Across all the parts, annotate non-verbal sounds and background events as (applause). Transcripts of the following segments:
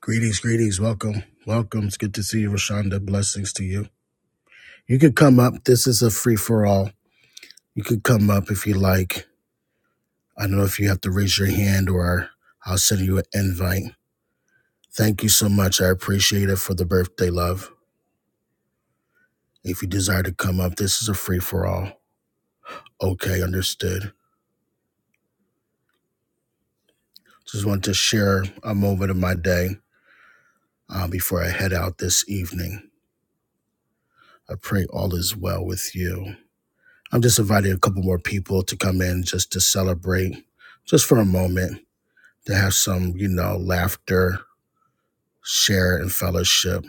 Greetings, greetings. Welcome. Welcome. It's good to see you, Rashonda. Blessings to you. You could come up. This is a free for all. You could come up if you like. I don't know if you have to raise your hand or I'll send you an invite. Thank you so much. I appreciate it for the birthday love. If you desire to come up, this is a free for all. Okay, understood. Just want to share a moment of my day uh, before I head out this evening. I pray all is well with you. I'm just inviting a couple more people to come in just to celebrate, just for a moment, to have some, you know, laughter, share, and fellowship.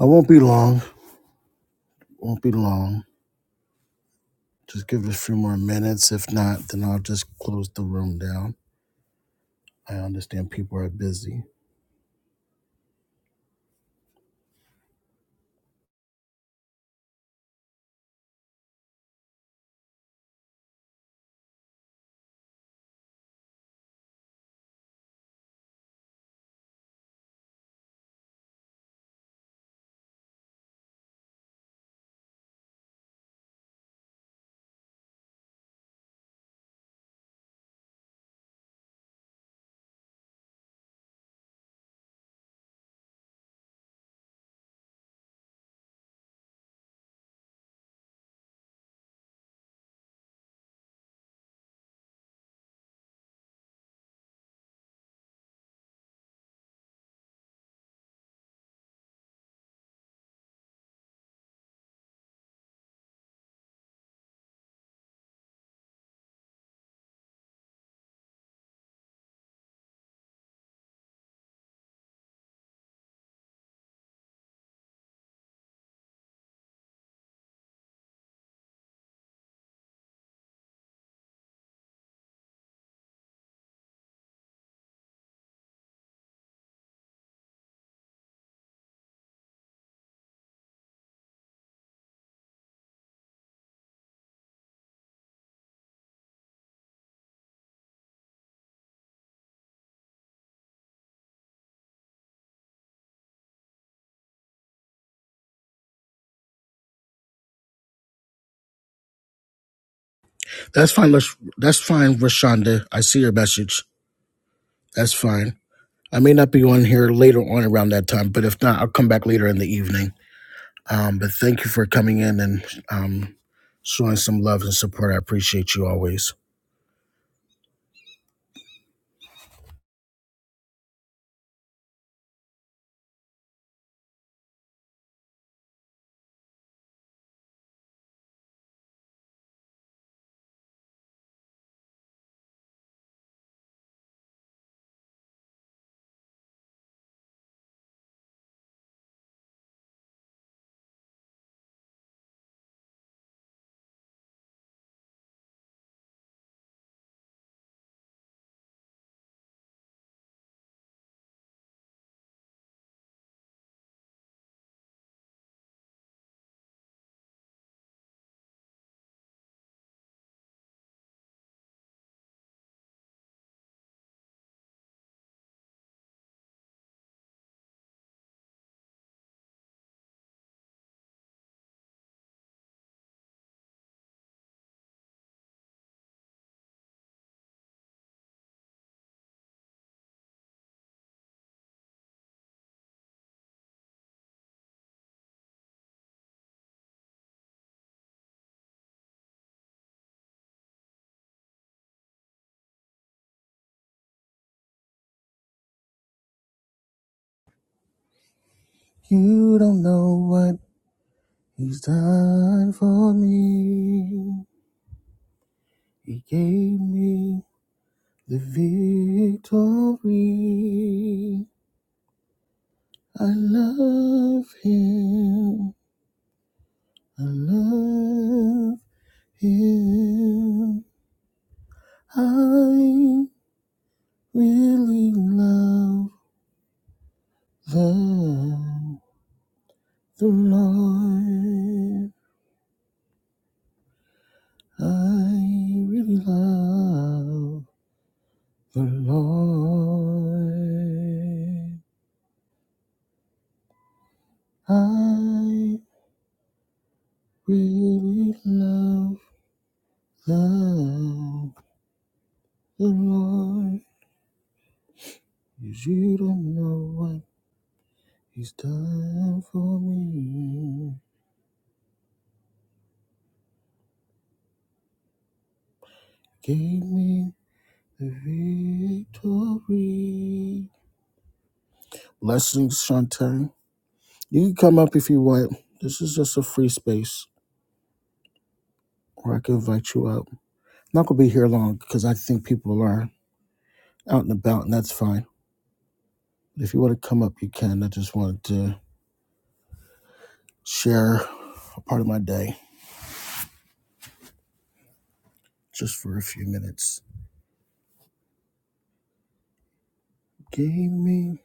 I won't be long. Won't be long. Just give it a few more minutes. If not, then I'll just close the room down. I understand people are busy. That's fine. Lash- That's fine, Rashonda. I see your message. That's fine. I may not be on here later on around that time, but if not, I'll come back later in the evening. Um, but thank you for coming in and um, showing some love and support. I appreciate you always. You don't know what he's done for me. He gave me the victory. I love him. I love him. I really love the, the Lord. I really love the Lord. I really love, love the Lord. 'Cause You don't know what He's done for me. Gave me the victory. Blessings, Shantae. You can come up if you want. This is just a free space where I can invite you up. Not gonna be here long because I think people are out and about, and that's fine. But if you want to come up, you can. I just wanted to share a part of my day just for a few minutes. Gave me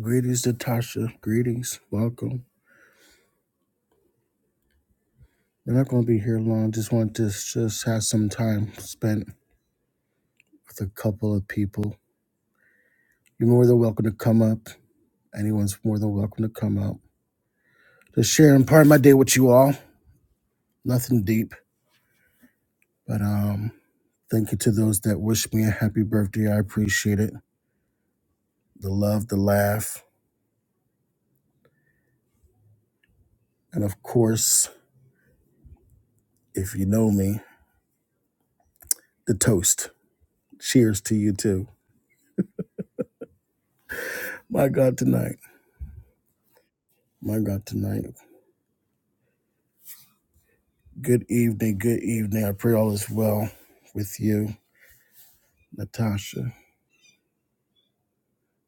greetings, Natasha. Greetings, welcome. We're not gonna be here long. Just wanted to just have some time spent with a couple of people. You're more than welcome to come up. Anyone's more than welcome to come up. Just sharing part of my day with you all. Nothing deep, but um. Thank you to those that wish me a happy birthday. I appreciate it. The love, the laugh, and of course, if you know me, the toast. Cheers to you too. My God, tonight. My God, tonight. Good evening. Good evening. I pray all is well with you, Natasha.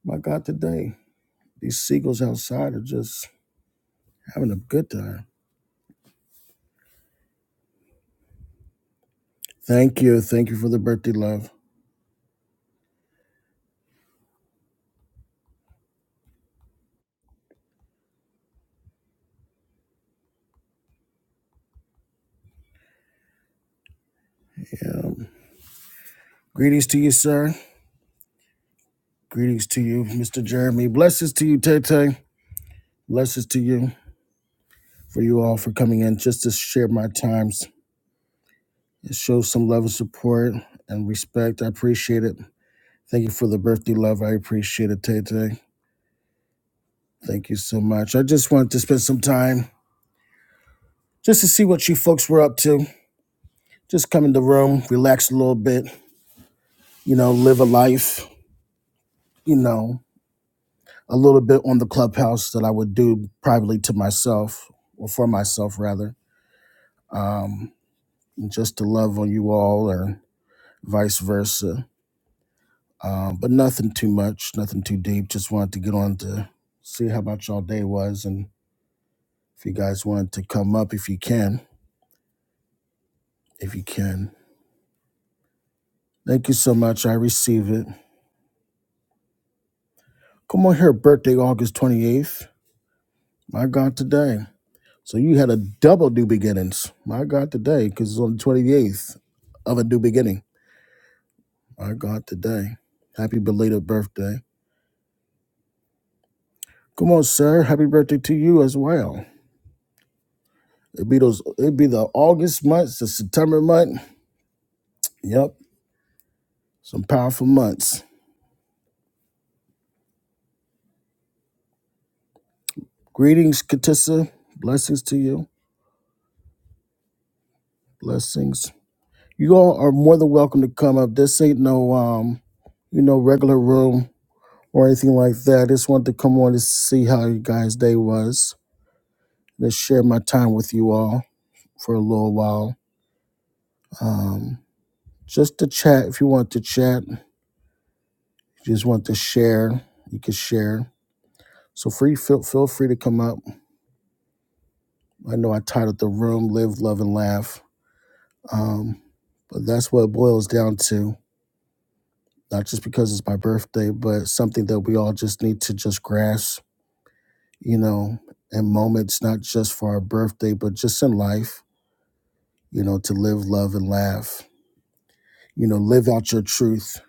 My God, today. These seagulls outside are just having a good time. Thank you. Thank you for the birthday love. Yeah. Greetings to you, sir. Greetings to you, Mr. Jeremy. Blessings to you, Tay Tay. Blessings to you. for you all for coming in just to share my times. It shows some love and support and respect. I appreciate it. Thank you for the birthday love. I appreciate it, Tay Tay. Thank you so much. I just wanted to spend some time just to see what you folks were up to. Just come in the room, relax a little bit, you know, live a life, you know, a little bit on the clubhouse that I would do privately to myself or for myself rather. Um, just to love on you all or vice versa Um, but nothing too much, nothing too deep. Just wanted to get on to see how about y'all day was, and if you guys wanted to come up, if you can, if you can. Thank you so much. I receive it. Come on here, birthday August twenty eighth. My God, today. So you had a double new beginnings. My God, today, because it's on the twenty eighth of a new beginning. My God, today. Happy belated birthday. Come on, sir. Happy birthday to you as well. It'd be those. It'd be the August month, the September month. Yep. Some powerful months. Greetings, Katissa. Blessings to you. Blessings. You all are more than welcome to come up. This ain't no um, you know, regular room or anything like that. I just wanted to come on to see how you guys' day was. Just share my time with you all for a little while. Um, just to chat if you want to chat. If you just want to share, you can share. So free feel feel free to come up. I know I titled the room Live, Love, and Laugh Um, but that's what it boils down to. Not just because it's my birthday, but something that we all just need to just grasp, you know, in moments, not just for our birthday, but just in life, you know, to live, love, and laugh. You know, live out your truth.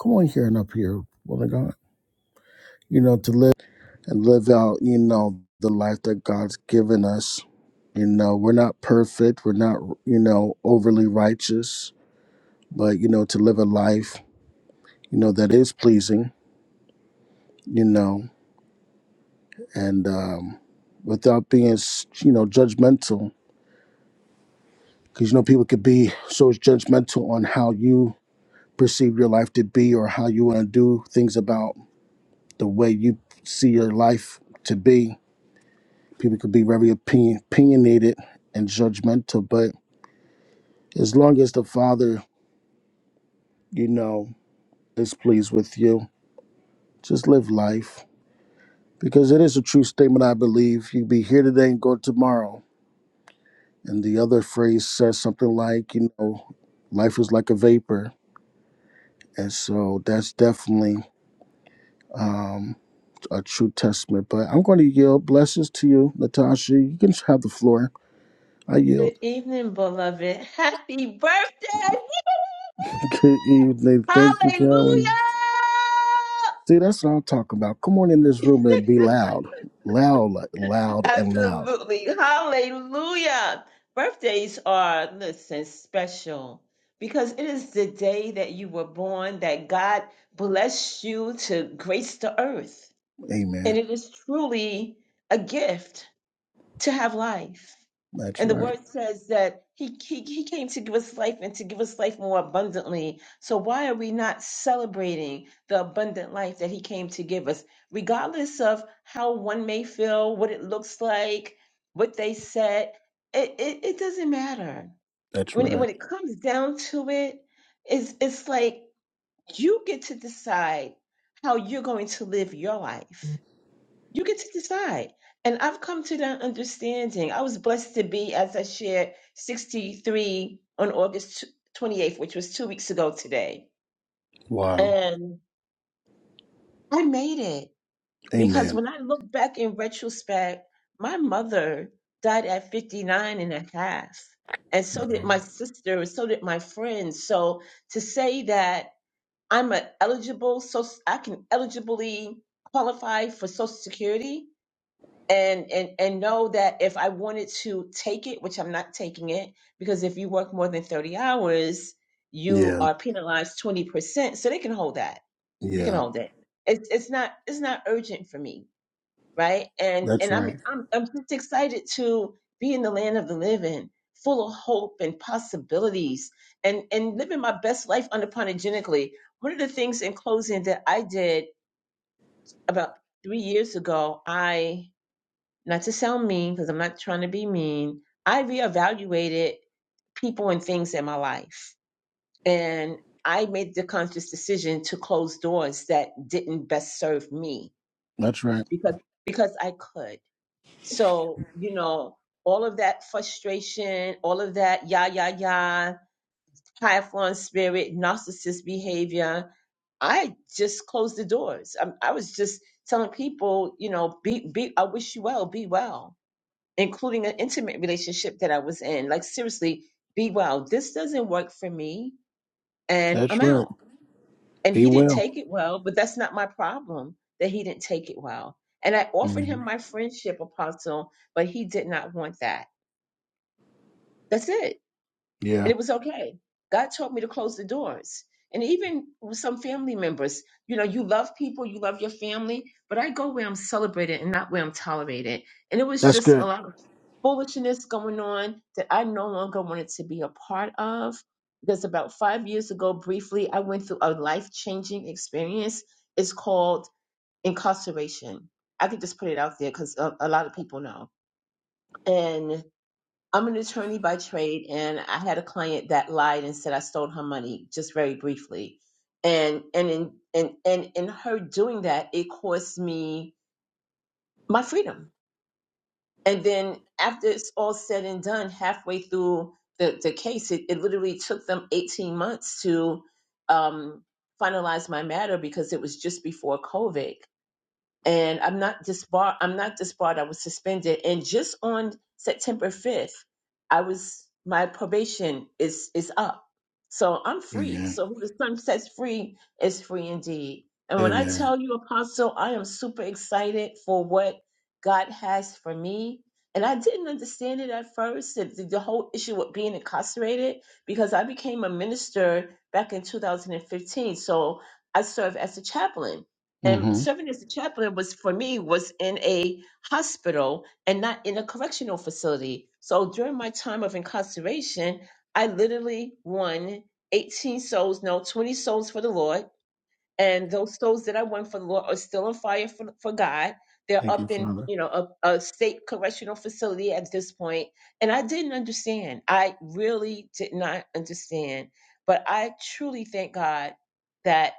Come on here and up here, woman of God. You know, to live and live out, you know, the life that God's given us. You know, we're not perfect. We're not, you know, overly righteous, but, you know, to live a life, you know, that is pleasing you know, and um, without being, s- you know, judgmental. Because, you know, people could be so judgmental on how you perceive your life to be or how you want to do things about the way you see your life to be. People could be very opinion- opinionated and judgmental. But as long as the Father, you know, is pleased with you, just live life. Because it is a true statement, I believe. You'd be here today and go tomorrow And the other phrase says something like, you know, life is like a vapor. And so that's definitely um, a true testament. But I'm going to yield. Blessings to you, Natasha. You can just have the floor. I Good yield. evening, beloved. (laughs) Happy birthday! (laughs) Good evening. Thank you, Hallelujah! Carolyn. See, that's what I'm talking about. Come on in this room and be loud. Loud, like loud, and loud. Absolutely. Hallelujah. Birthdays are, listen, special because it is the day that you were born that God blessed you to grace the earth. And Amen. it is truly a gift. to have life. That's And the right. word says that he, he, he came to give us life and to give us life more abundantly. So, why are we not celebrating the abundant life that he came to give us? Regardless of how one may feel, what it looks like, what they said, it, it, it doesn't matter. That's When it, right. when it comes down to it, it's, it's like you get to decide how you're going to live your life you get to decide. And I've come to that understanding. I was blessed to be, as I shared, 63 on August 28th, which was two weeks ago today. Wow. And I made it because Amen. when I look back in retrospect, my mother died at 59 and a half, and And so did Wow. my sister, and so did my friends. So to say that I'm a eligible, so I can eligibly qualify for Social Security and and and know that if I wanted to take it, which I'm not taking it, because if you work more than 30 hours, you Yeah. are penalized 20%. So they can hold that. You can Yeah. hold it. It's it's not it's not urgent for me, right? And That's and I'm right. I'm I'm just excited to be in the land of the living, full of hope and possibilities, and and living my best life unapologetically. One of the things in closing that I did about three years ago, I not to sound mean because I'm not trying to be mean, I reevaluated people and things in my life. And I made the conscious decision to close doors that didn't best serve me That's right. because because I could. So, you know, all of that frustration, all of that yah yah yah, high flying spirit, narcissist behavior, I just closed the doors. I, I was just telling people, you know, be be I wish you well, be well including an intimate relationship that I was in. Like, seriously, be well. This doesn't work for me, and That's I'm right. out. And Be he didn't well. take it well, but that's not my problem that he didn't take it well. And I offered hmm him my friendship, Apostle, but he did not want that. That's it and Yeah, it was okay. God told me to close the doors. And even with some family members, you know, you love people, you love your family, but I go where I'm celebrated and not where I'm tolerated. And it was that's just a good. lot of foolishness going on that I no longer wanted to be a part of. Because about five years ago, briefly, I went through a life changing experience. It's called incarceration. I could just put it out there because a, a lot of people know. And I'm an attorney by trade, and I had a client that lied and said I stole her money, just very briefly. And and in and and in her doing that, it cost me my freedom. And then after it's all said and done, halfway through the, the case, it, it literally took them 18 months to um, finalize my matter because it was just before COVID and I'm not disbarred. I'm not disbarred. I was suspended, and just on September 5th, I was my probation is is up, so I'm free. Amen. So who the sun sets free is free indeed. And when I Amen. tell you, Apostle, I am super excited for what God has for me. And I didn't understand it at first, the, the whole issue with being incarcerated, because I became a minister back in 2015. So I serve as a chaplain and hmm serving as the chaplain was for me was in a hospital and not in a correctional facility so during my time of incarceration i literally won 18 souls no 20 souls for the lord and those souls that i won for the lord are still on fire for, for god they're Thank you, up in Father. you know a, a state correctional facility at this point point. and i didn't understand i really did not understand but i truly thank god that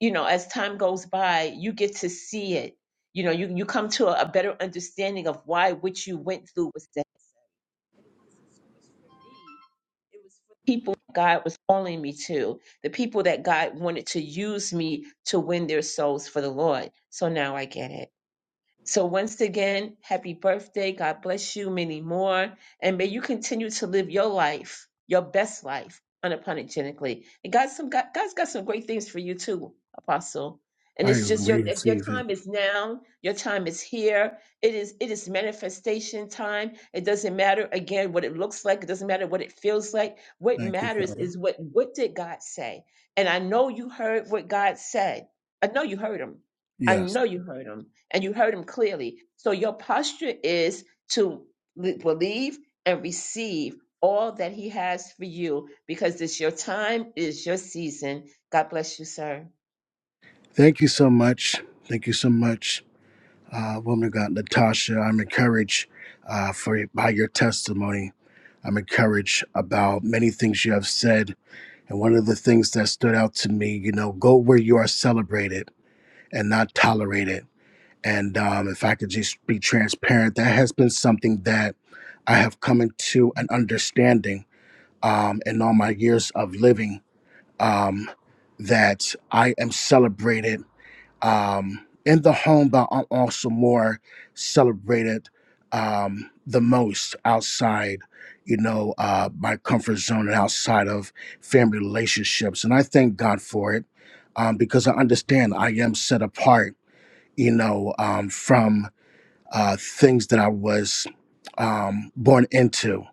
you know as time goes by you get to see it you know you you come to a, a better understanding of why what you went through was necessary and it wasn't so much for me it was for the people god was calling me to the people that god wanted to use me to win their souls for the lord so now i get it so, once again, happy birthday. God bless you many more. And may you continue to live your life, your best life, unapologetically. And God's, some, God, God's got some great things for you too, Apostle. And I it's just your your receive it. time is now. Your time is here. It is it is manifestation time. It doesn't matter again what it looks like. It doesn't matter what it feels like. What Thank you, matters Father. is what what did God say? And I know you heard what God said. I know you heard him. I Yes. know you heard him and you heard him clearly. So your posture is to l- believe and receive all that he has for you because it's your time, it's your season. God bless you, sir. Thank you so much. Thank you so much, uh, woman of God, Natasha. I'm encouraged uh, for by your testimony. I'm encouraged about many things you have said. And one of the things that stood out to me, you know, go where you are celebrated and not tolerated And um, if I could just be transparent, that has been something that I have come into an understanding um, in all my years of living um, that I am celebrated um, in the home, but I'm also more celebrated um, the most outside, you know, uh, my comfort zone and outside of family relationships. And I thank God for it um, because I understand I am set apart, you know, um, from uh, things that I was um, born into.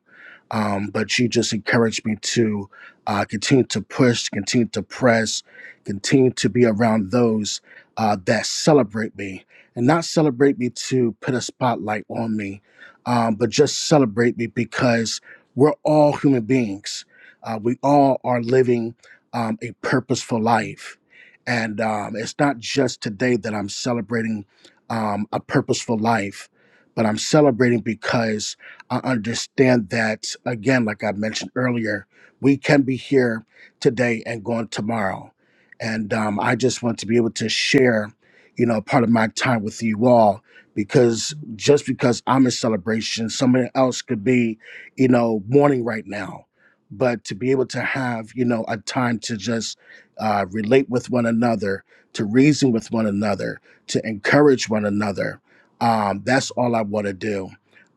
Um, but she just encouraged me to uh, continue to push, continue to press, continue to be around those uh, that celebrate me and not celebrate me to put a spotlight on me, um, but just celebrate me because we're all human beings. Uh, we all are living um, a purposeful life. And um, it's not just today that I'm celebrating um, a purposeful life, but I'm celebrating because I understand that, again, like I mentioned earlier, we can be here today and gone tomorrow. And um, I just want to be able to share, you know, part of my time with you all because just because I'm in celebration, someone else could be, you know, mourning right now. But to be able to have, you know, a time to just uh, relate with one another, to reason with one another, to encourage one another, um, that's all I want to do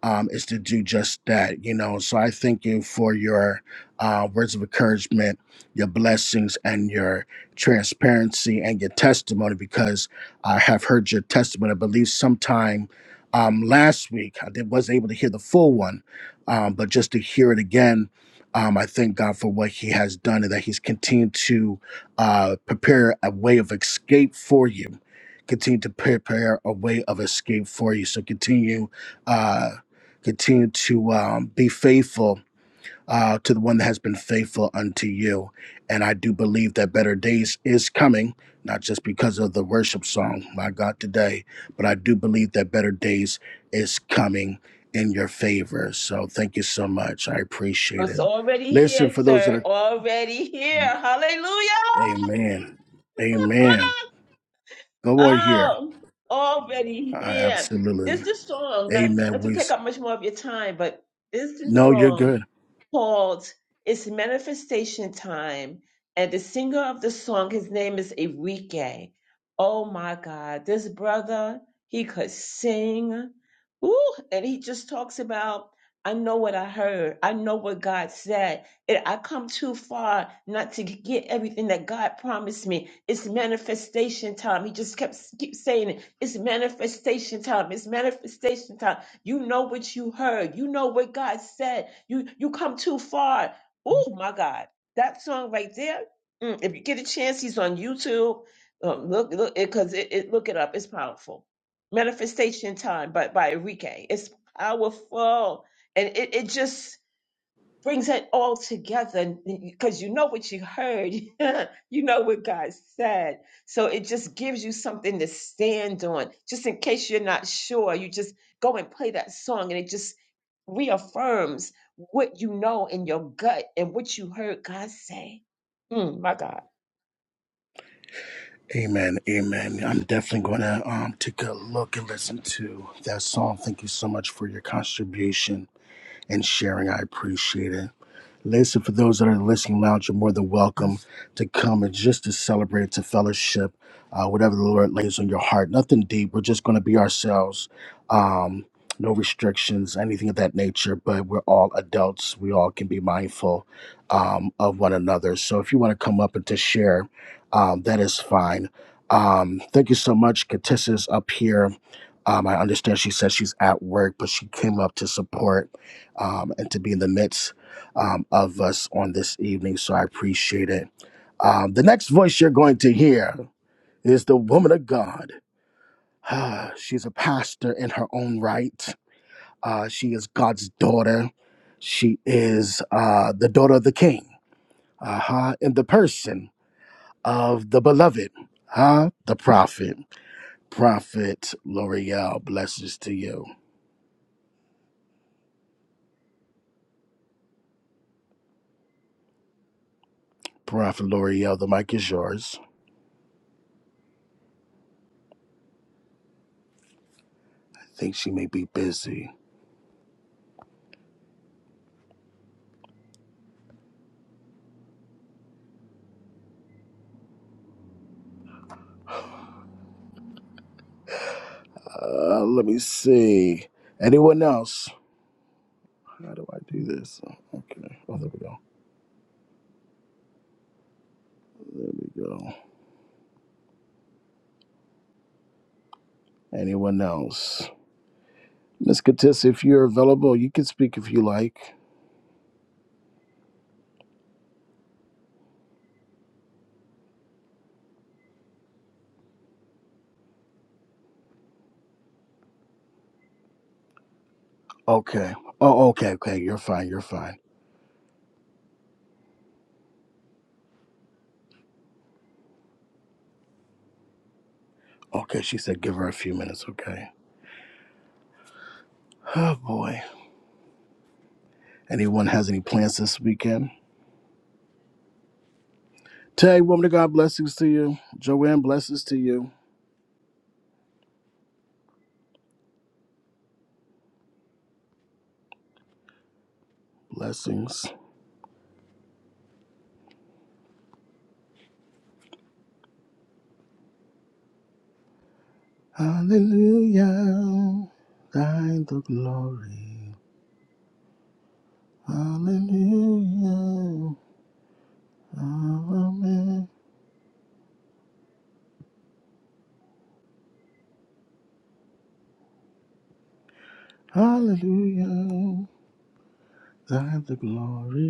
um, is to do just that, you know. So I thank you for your uh, words of encouragement, your blessings, and your transparency and your testimony because I have heard your testimony. I believe sometime um, last week I did, wasn't able to hear the full one, um, but just to hear it again. Um, I thank God for what He has done and that He's continued to uh, prepare a way of escape for you. Continue to prepare a way of escape for you. So continue uh, Continue to um, be faithful uh, to the one that has been faithful unto you. And I do believe that better days is coming, not just because of the worship song, my God, today, but I do believe that better days is coming in your favor. So thank you so much. I appreciate It's it. already Listen, here, for those that sir. are, Already here. Hallelujah. amen. Amen. Go on here. Oh, already Uh, here. absolutely. There's this song, not, Amen. not to We, take up much more of your time, but there's this no, you're song good. called It's Manifestation Time. And the singer of the song, his name is Enrique. Oh my God, this brother, he could sing. Ooh, and he just talks about, I know what I heard. I know what God said. It, I come too far not to get everything that God promised me. It's manifestation time. He just kept keep saying it. It's manifestation time. It's manifestation time. You know what you heard. You know what God said. You you come too far. Oh my God, that song right there. mm, if you get a chance, he's on YouTube. Um, look look because it, 'cause it, it- look it up. It's powerful. Manifestation time by by Enrique. It's powerful, and it, it just brings it all together because you know what you heard, (laughs) you know what God said. So it just gives you something to stand on. Just in case you're not sure, you just go and play that song and it just reaffirms what you know in your gut and what you heard God say. Mm, my God. Amen. Amen. I'm definitely going to um, take a look and listen to that song. Thank you so much for your contribution and sharing. I appreciate it. Listen, for those that are in the listening lounge, you're more than welcome to come and just to celebrate, to fellowship, uh, whatever the Lord lays on your heart. Nothing deep. We're just going to be ourselves. Um, no restrictions, anything of that nature, but we're all adults. We all can be mindful um, of one another. So if you want to come up and to share, um, that is fine. Um, thank you so much. Katissa's up here. Um, I understand she says she's at work, but she came up to support um, and to be in the midst um, of us on this evening, so I appreciate it. Um, the next voice you're going to hear is the woman of God. (sighs) She's a pastor in her own right. Uh, she is God's daughter. She is uh, the daughter of the king, uh-huh, in the person of the beloved, huh? the prophet. Prophet L'Oreal, blessings to you. Prophet L'Oreal, the mic is yours. I think she may be busy. Uh, let me see. Anyone else? How do I do this? Okay. Oh, there we go. There we go. Anyone else? Miss Katis, if you're available, you can speak if you like. Okay. Oh, okay, okay. You're fine. You're fine. Okay, she said give her a few minutes. Okay. Oh, boy. Anyone has any plans this weekend? Tay, woman of God, blessings to you. Joanne, blessings to you. Blessings. Hallelujah. Thine the glory. Hallelujah. Amen. Hallelujah. Thine the glory.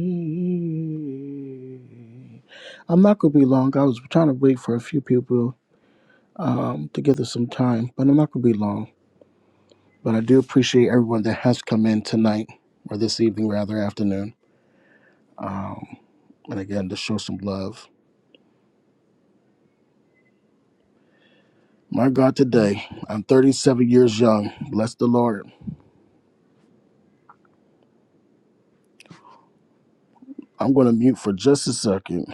I'm not going to be long. I was trying to wait for a few people um, to give us some time, but I'm not going to be long. But I do appreciate everyone that has come in tonight, or this evening, rather, afternoon. Um, and again, to show some love. My God, today, I'm 37 years young. Bless the Lord. I'm going to mute for just a second.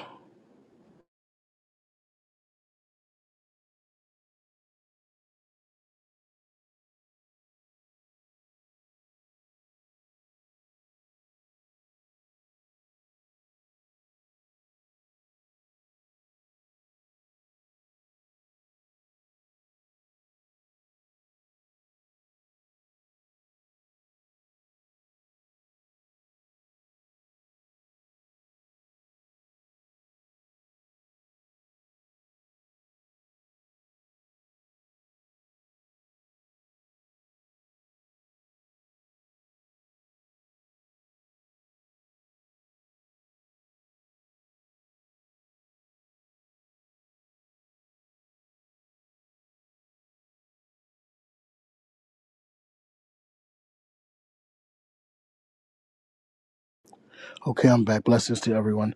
Okay, I'm back. Blessings to everyone.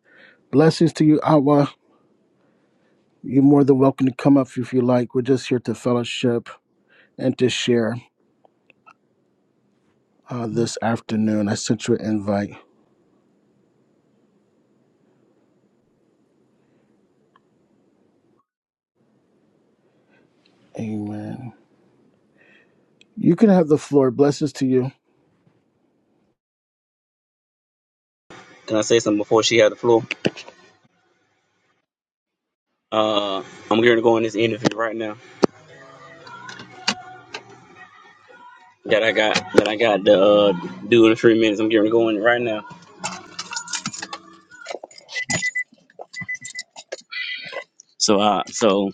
Blessings to you, Awa. You're more than welcome to come up if you like. We're just here to fellowship and to share uh, this afternoon. I sent you an invite. Amen. You can have the floor. Blessings to you. Can I say something before she had the floor? Uh, I'm going to go in this interview right now that I got that I got to uh, do in three minutes. I'm going to go in it right now. So uh, so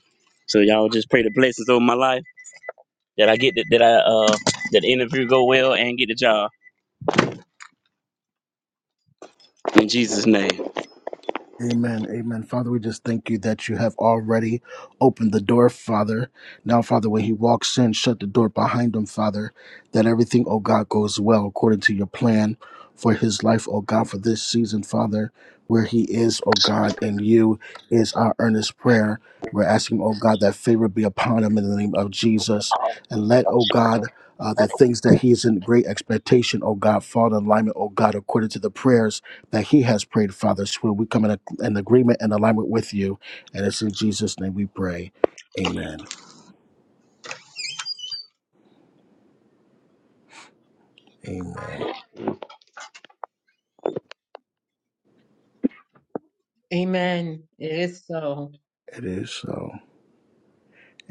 so y'all just pray the blessings over my life that I get the, that I uh that the interview go well and get the job in Jesus name. Amen. Amen. Father, we just thank you that you have already opened the door, Father. Now, Father, when he walks in, shut the door behind him, Father, that everything, oh God, goes well according to your plan for his life, oh God, for this season, Father, where he is, oh God, and you is our earnest prayer. We're asking, oh God, that favor be upon him in the name of Jesus. And let, oh God, uh, the things that he is in great expectation, oh God, fall in alignment, oh God, according to the prayers that he has prayed, Father. So we come in in agreement and alignment with you. And it's in Jesus' name we pray. Amen. Amen. Amen. It is so. It is so.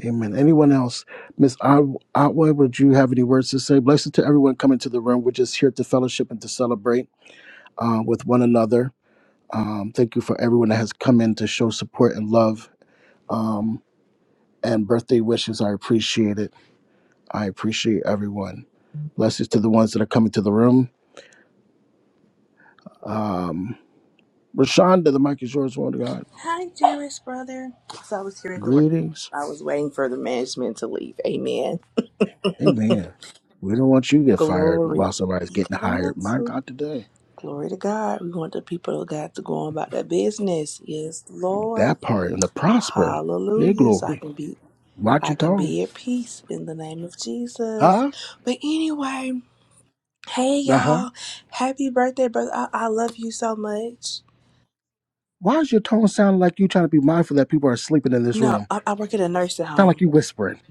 Amen. Anyone else? Miss Otway, would you have any words to say? Blessed to everyone coming to the room. We're just here to fellowship and to celebrate uh, with one another. Um, thank you for everyone that has come in to show support and love and birthday wishes. I appreciate it. I appreciate everyone. Blessings to the ones that are coming to the room. Um, Rashonda, the mic is yours, woman of God. Hi, Jewish brother. So I was here at the work. Greetings. I was waiting for the management to leave. Amen. Amen. We don't want you to get fired Glory. while somebody's getting hired. My Ikaramatsu. God, today. Glory to God. We want the people of God to go on about their business. Yes, Lord. That part and the prosper. yeah, Hallelujah. So I glory. can be Watch I your can tone. be at peace in the name of Jesus. Huh? But anyway, hey Uh huh. y'all. Happy birthday, brother. I, I love you so much. Why does your tone sound like you trying to be mindful that people are sleeping in this No, room? I, I work at a nursing Sound home. like you whispering.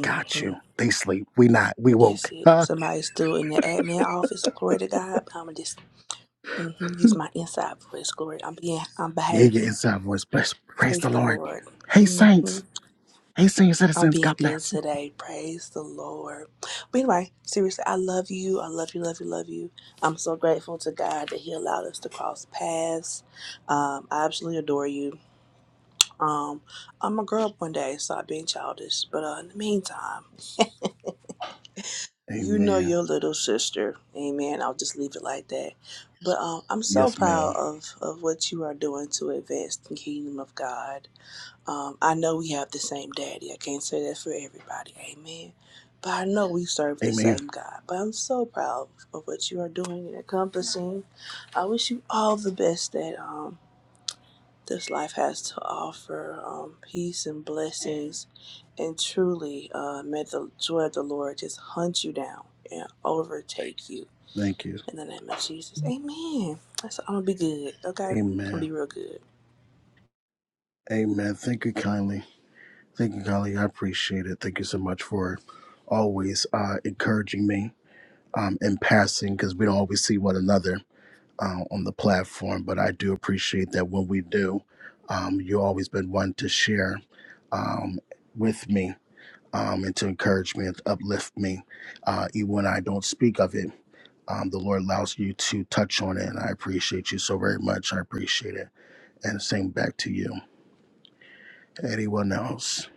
Got you. They sleep. We not. We That's woke. it. Huh? Somebody's still in the admin office. Glory to God. But I'm gonna just hmm use my inside voice. Glory. I'm being. I'm Yeah, your behaving. inside voice. Bless. Praise Praise the the Lord. Lord. Hey, hmm saints. Hey, senior I'm citizens. being God good bless. today. Praise the Lord. But anyway, seriously, I love you. I love you. Love you. Love you. I'm so grateful to God that He allowed us to cross paths. Um, I absolutely adore you. Um, I'm a grow up one day, so I've been childish. But uh, in the meantime. you know Amen. your little sister amen i'll just leave it like that but um, i'm so Yes, proud ma'am. of of what you are doing to advance the kingdom of god um, i know we have the same daddy i can't say that for everybody amen but i know we serve the Amen. same god but i'm so proud of what you are doing and accomplishing i wish you all the best that um this life has to offer um, peace and blessings. And truly, uh, may the joy of the Lord just hunt you down and overtake you Thank you. in the name of Jesus. Amen. That's, I'm going to be good, okay? I'm going to Amen. be real good. Amen. Thank you kindly. Thank you, Golly. I appreciate it. Thank you so much for always uh, encouraging me um, in passing because we don't always see one another uh, on the platform. But I do appreciate that when we do, um, you've always been one to share um, with me um, and to encourage me and to uplift me. Uh, even when I don't speak of it, um, the Lord allows you to touch on it. And I appreciate you so very much. I appreciate it. And same back to you. Anyone else?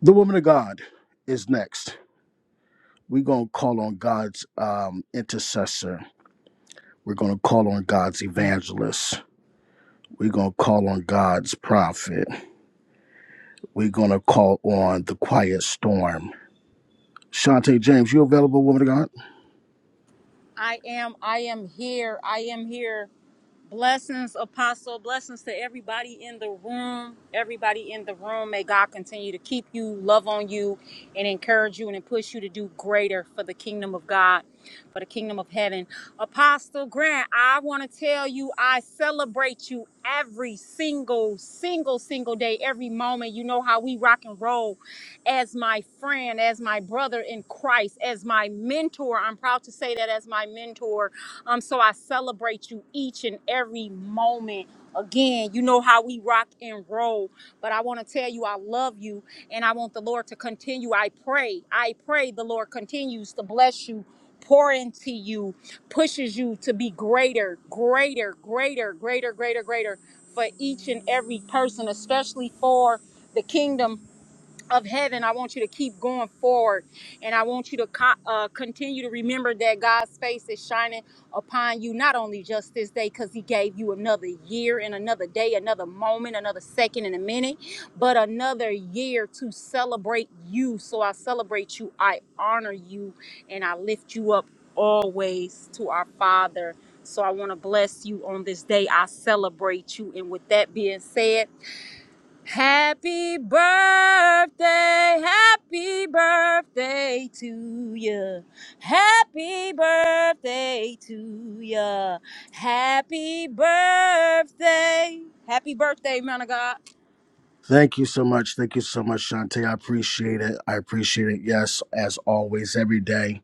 The woman of God is next. we're going to call on God's um, intercessor. We're going to call on God's evangelist. We're going to call on God's prophet. We're going to call on the quiet storm. Shantae James, you available, woman of God? I am. I am here. I am here. Blessings, Apostle. Blessings to everybody in the room. Everybody in the room. May God continue to keep you, love on you, and encourage you and push you to do greater for the kingdom of God, for the kingdom of heaven. Apostle Grant, I want to tell you, I celebrate you every single, single, single day, every moment. You know how we rock and roll as my friend, as my brother in Christ, as my mentor. I'm proud to say that as my mentor. Um, so I celebrate you each and every moment. Again, you know how we rock and roll, but I want to tell you I love you and I want the Lord to continue. I pray, I pray the Lord continues to bless you, pour into you, pushes you to be greater, greater, greater, greater, greater, greater for each and every person, especially for the kingdom of heaven, I want you to keep going forward. And I want you to co- uh, continue to remember that God's face is shining upon you, not only just this day, because He gave you another year and another day, another moment, another second and a minute, but another year to celebrate you. So I celebrate you, I honor you, and I lift you up always to our Father. So I want to bless you on this day. I celebrate you. And with that being said, Happy birthday, happy birthday to ya. Happy birthday to ya. Happy birthday. Happy birthday, man of God. Thank you so much. Thank you so much, Shantae. I appreciate it. I appreciate it. Yes, as always, every day.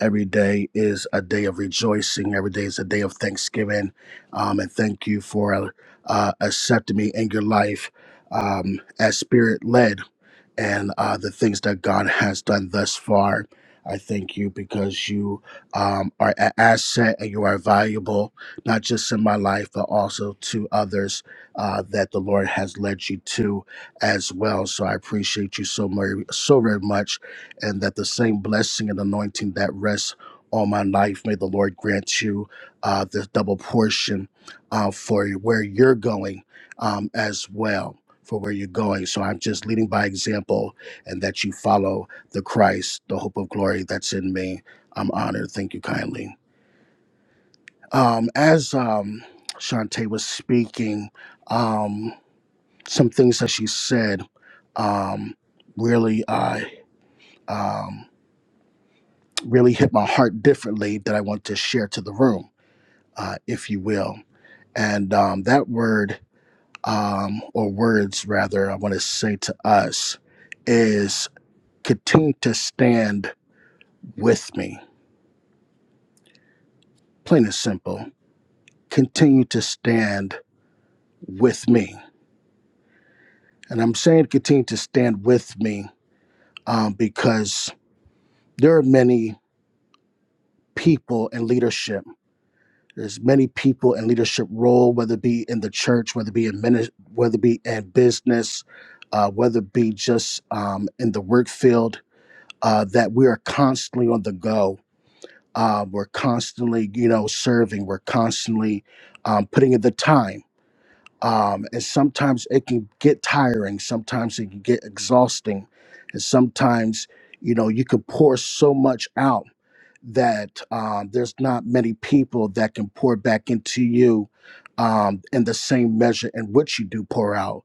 Every day is a day of rejoicing. Every day is a day of thanksgiving. Um, and thank you for uh, accepting me in your life um, as spirit led. and uh, the things that God has done thus far. I thank you because you um, are an asset and you are valuable, not just in my life, but also to others uh, that the Lord has led you to as well. So I appreciate you so very, so very much, and that the same blessing and anointing that rests on my life, may the Lord grant you uh, this double portion uh, for where you're going um, as well for where you're going. So I'm just leading by example and that you follow the Christ, the hope of glory that's in me. I'm honored. Thank you kindly. Um, as um, Shantae was speaking, um, some things that she said um, really, uh, um, really hit my heart differently that I want to share to the room, uh, if you will. And um, that word, um, or words rather, I want to say to us is. continue to stand with me. Plain and simple. Continue to stand with me. And I'm saying continue to stand with me um, because there are many people in leadership. There's many people in leadership role, whether it be in the church, whether it be in minis, whether it be in business, uh, whether it be just um, in the work field, uh, that we are constantly on the go. Uh, we're constantly, you know, serving. We're constantly um, putting in the time um, and sometimes it can get tiring sometimes it can get exhausting and sometimes you know you can pour so much out that um, there's not many people that can pour back into you um, in the same measure in which you do pour out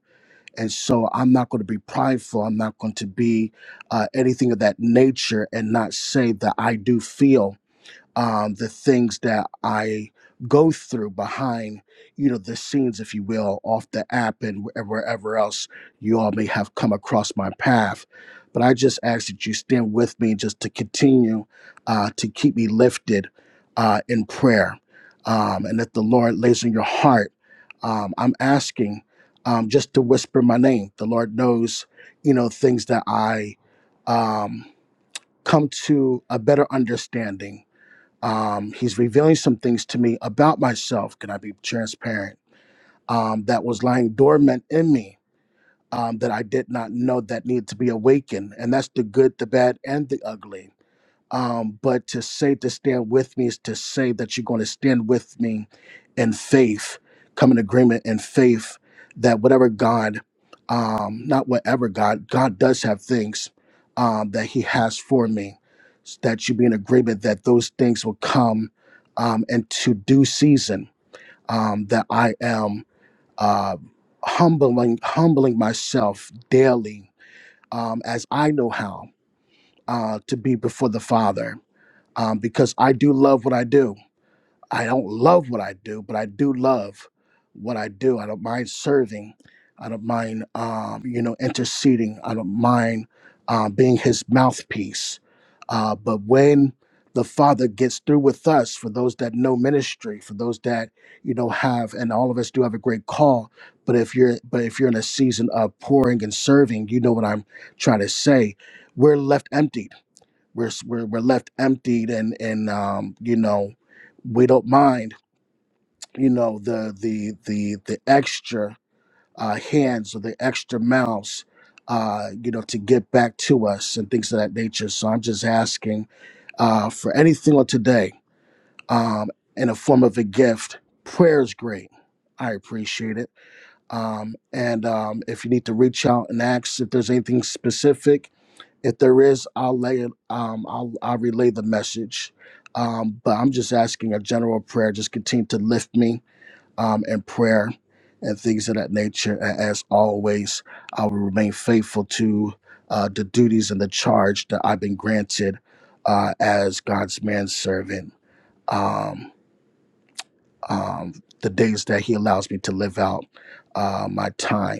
and so i'm not going to be prideful i'm not going to be uh, anything of that nature and not say that i do feel um, the things that I go through behind, you know, the scenes, if you will, off the app and wh- wherever else you all may have come across my path. But I just ask that you stand with me just to continue uh, to keep me lifted uh, in prayer. Um, and that the Lord lays on your heart, um, I'm asking um, just to whisper my name. The Lord knows, you know, things that I um, come to a better understanding um, he's revealing some things to me about myself. Can I be transparent? Um, that was lying dormant in me um, that I did not know that needed to be awakened. And that's the good, the bad, and the ugly um, but to say to stand with me is to say that you're going to stand with me in faith, come in agreement in faith that whatever God, um, not whatever God, God does have things um, that He has for me, s- that you be in agreement that those things will come um, into due season, um, that I am uh, humbling, humbling myself daily um, as I know how uh, to be before the Father um, because I do love what I do. I don't love what I do, but I do love what I do. I don't mind serving. I don't mind, um, you know, interceding. I don't mind uh, being His mouthpiece. Uh, but when the Father gets through with us, for those that know ministry, for those that you know have, and all of us do have a great call. But if you're, but if you're in a season of pouring and serving, you know what I'm trying to say. We're left empty we're s- we're, we're left emptied, and and um, you know, we don't mind, you know, the the the the extra uh, hands or the extra mouths, uh, you know, to get back to us and things of that nature. So I'm just asking uh, for anything on today um, in a form of a gift. Prayer is great. I appreciate it. Um, and um, if you need to reach out and ask if there's anything specific, if there is, I'll lay it. Um, I'll I'll relay the message. Um, but I'm just asking a general prayer. Just continue to lift me um, in prayer and things of that nature. And as always, I will remain faithful to uh, the duties and the charge that I've been granted uh, as God's manservant. Um, um, the days that He allows me to live out uh, my time.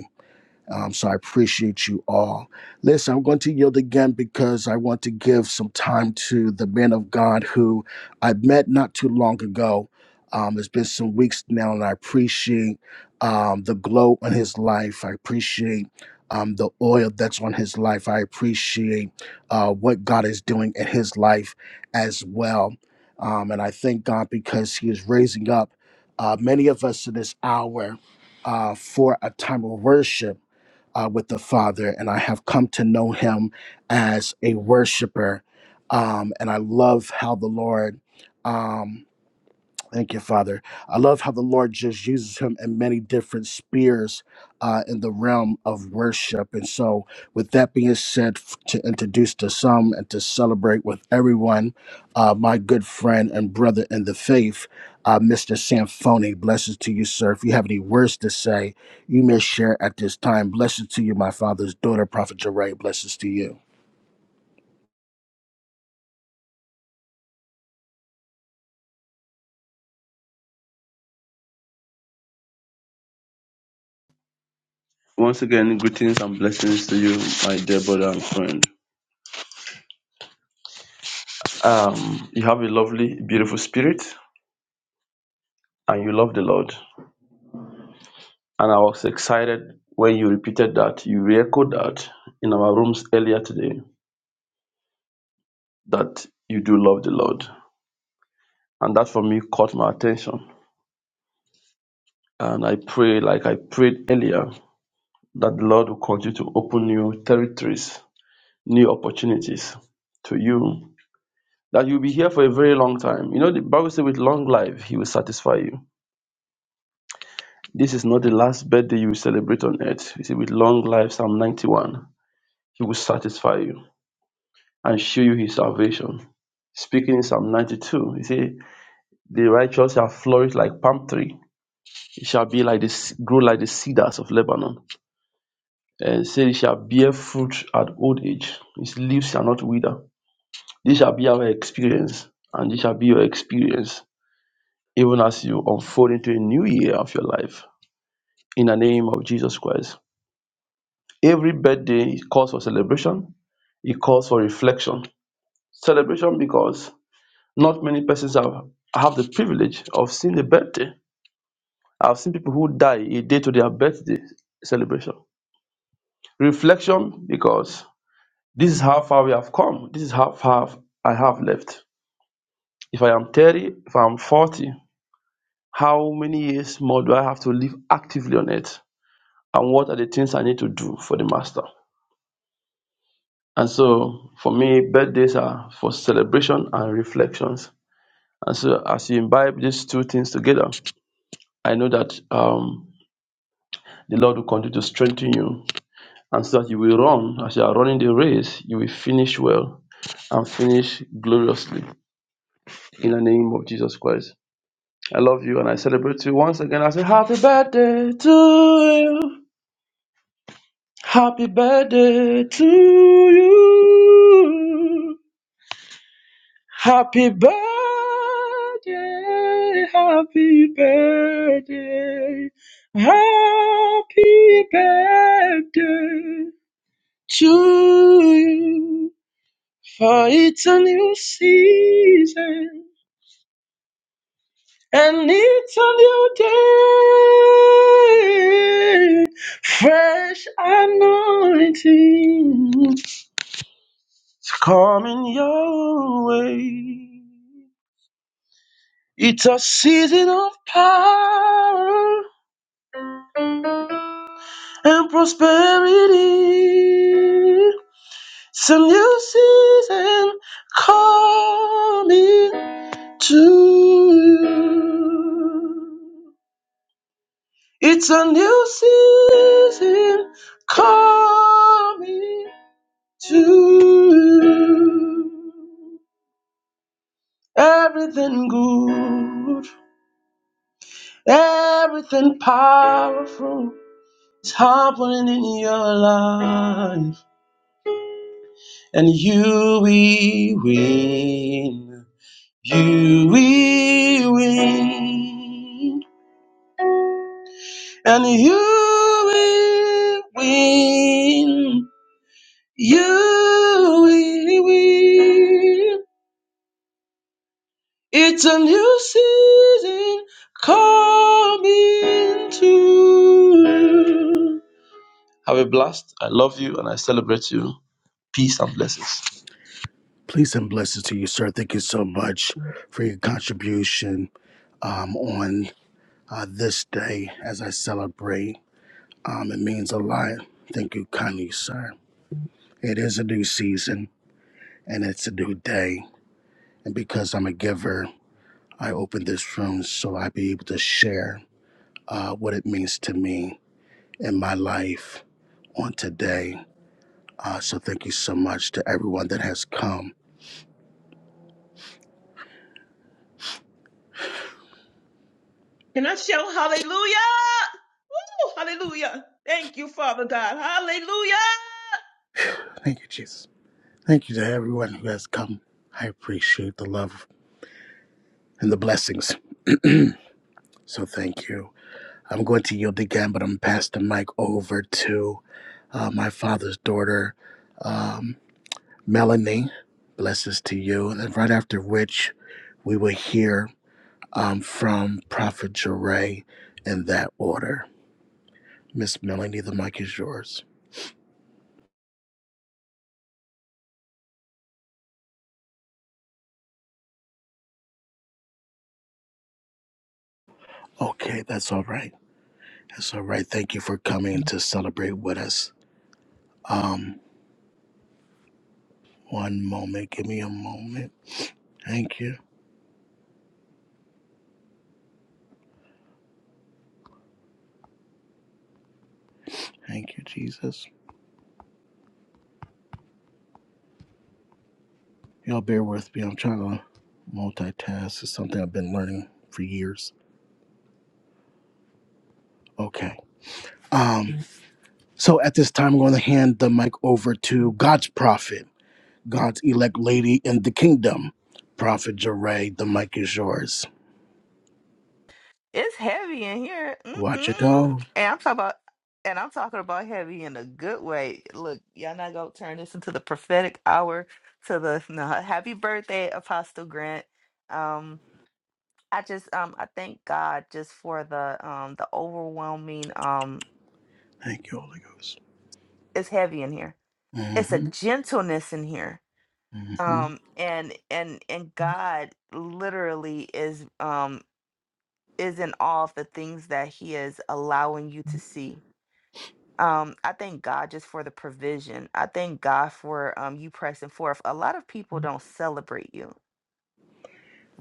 Um, so I appreciate you all. Listen, I'm going to yield again because I want to give some time to the man of God who I met not too long ago. Um, it's been some weeks now, and I appreciate um, the glow on his life. I appreciate um, the oil that's on his life. I appreciate uh, what God is doing in his life as well. Um, and I thank God because he is raising up uh, many of us in this hour uh, for a time of worship uh, with the Father, and I have come to know Him as a worshiper. Um, and I love how the Lord. Um, Thank you, Father. I love how the Lord just uses him in many different spheres uh, in the realm of worship. And so, with that being said, f- to introduce to some and to celebrate with everyone, uh, my good friend and brother in the faith, uh, Mr. Samphoni, blessings to you, sir. If you have any words to say, you may share at this time. Blessings to you, my father's daughter, Prophet Jeray. Blessings to you. Once again, greetings and blessings to you, my dear brother and friend. Um, you have a lovely, beautiful spirit, and you love the Lord. And I was excited when you repeated that, you re-echoed that in our rooms earlier today, that you do love the Lord. And that for me caught my attention. And I pray, like I prayed earlier, that the Lord will continue to open new territories, new opportunities to you. That you'll be here for a very long time. You know, the Bible says, with long life, He will satisfy you This is not the last birthday you will celebrate on earth. You see, with long life, Psalm 91, he will satisfy you and show you his salvation. Speaking in Psalm 92, you see, The righteous shall flourish like palm tree. It shall be like this, grow like the cedars of Lebanon. And say it shall bear fruit at old age. Its leaves shall not wither. This shall be our experience, and this shall be your experience, even as you unfold into a new year of your life. In the name of Jesus Christ. Every birthday it calls for celebration, it calls for reflection. Celebration because not many persons have, have the privilege of seeing a birthday. I've seen people who die a day to their birthday celebration. Reflection because this is how far we have come, this is how far I have left. If I am 30, if I'm 40, how many years more do I have to live actively on it? And what are the things I need to do for the master? And so for me, birthdays are for celebration and reflections. And so as you imbibe these two things together, I know that um, the Lord will continue to strengthen you. And so that you will run, as you are running the race, you will finish well and finish gloriously in the name of Jesus Christ. I love you and I celebrate you once again. I say, Happy birthday to you. Happy birthday to you. Happy birthday, happy birthday, happy birthday to you. For it's a new season and it's a new day. Fresh anointing is coming your way. It's a season of power and prosperity. It's a new season coming to you. It's a new season coming to you. Everything good, everything powerful. It's happening in your life, and you will win. You will win, and you will win. You will win. It's a new season coming to. Have a blast. I love you and I celebrate you. Peace and blessings. Please and blessings to you, sir. Thank you so much for your contribution um, on uh, this day as I celebrate. Um, it means a lot. Thank you kindly, sir. It is a new season and it's a new day. And because I'm a giver, I open this room so I be able to share uh, what it means to me in my life on today. Uh, so thank you so much to everyone that has come. Can I shout hallelujah? Woo, hallelujah. Thank you, Father God. Hallelujah. Thank you, Jesus. Thank you to everyone who has come. I appreciate the love and the blessings. (clears throat) so thank you. I'm going to yield again, but I'm going to pass the mic over to uh, my father's daughter, um, Melanie. Blessings to you. And right after which, we will hear um, from Prophet Jeray in that order. Miss Melanie, the mic is yours. Okay, that's all right. That's all right. Thank you for coming to celebrate with us. Um, one moment. Give me a moment. Thank you. Thank you, Jesus. Y'all bear with me. I'm trying to multitask. It's something I've been learning for years. Okay. Um, so at this time, I'm going to hand the mic over to God's prophet, God's elect lady in the kingdom, Prophet Jeray. The mic is yours. It's heavy in here. Mm-mm. Watch it all. And I'm talking about and I'm talking about heavy in a good way. Look, y'all not gonna turn this into the prophetic hour to the no, happy birthday, Apostle Grant. Um I just um I thank God just for the um the overwhelming um Thank you, Holy Ghost. it's heavy in here. It's a Mm-hmm. gentleness in here. Mm-hmm. Um and and and God literally is um is in awe of the things that he is allowing you to see um, I thank God just for the provision. I thank God for um, you pressing forth. A lot of people don't celebrate you,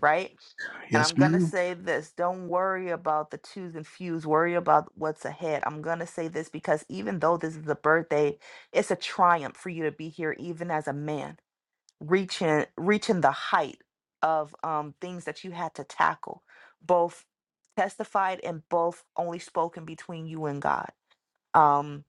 right? And Yes, I'm going to ma'am. say this don't worry about the twos and fews, worry about what's ahead. I'm going to say this because even though this is a birthday, it's a triumph for you to be here, even as a man, reaching, reaching the height of um, things that you had to tackle, both testified and both only spoken between you and God. Um.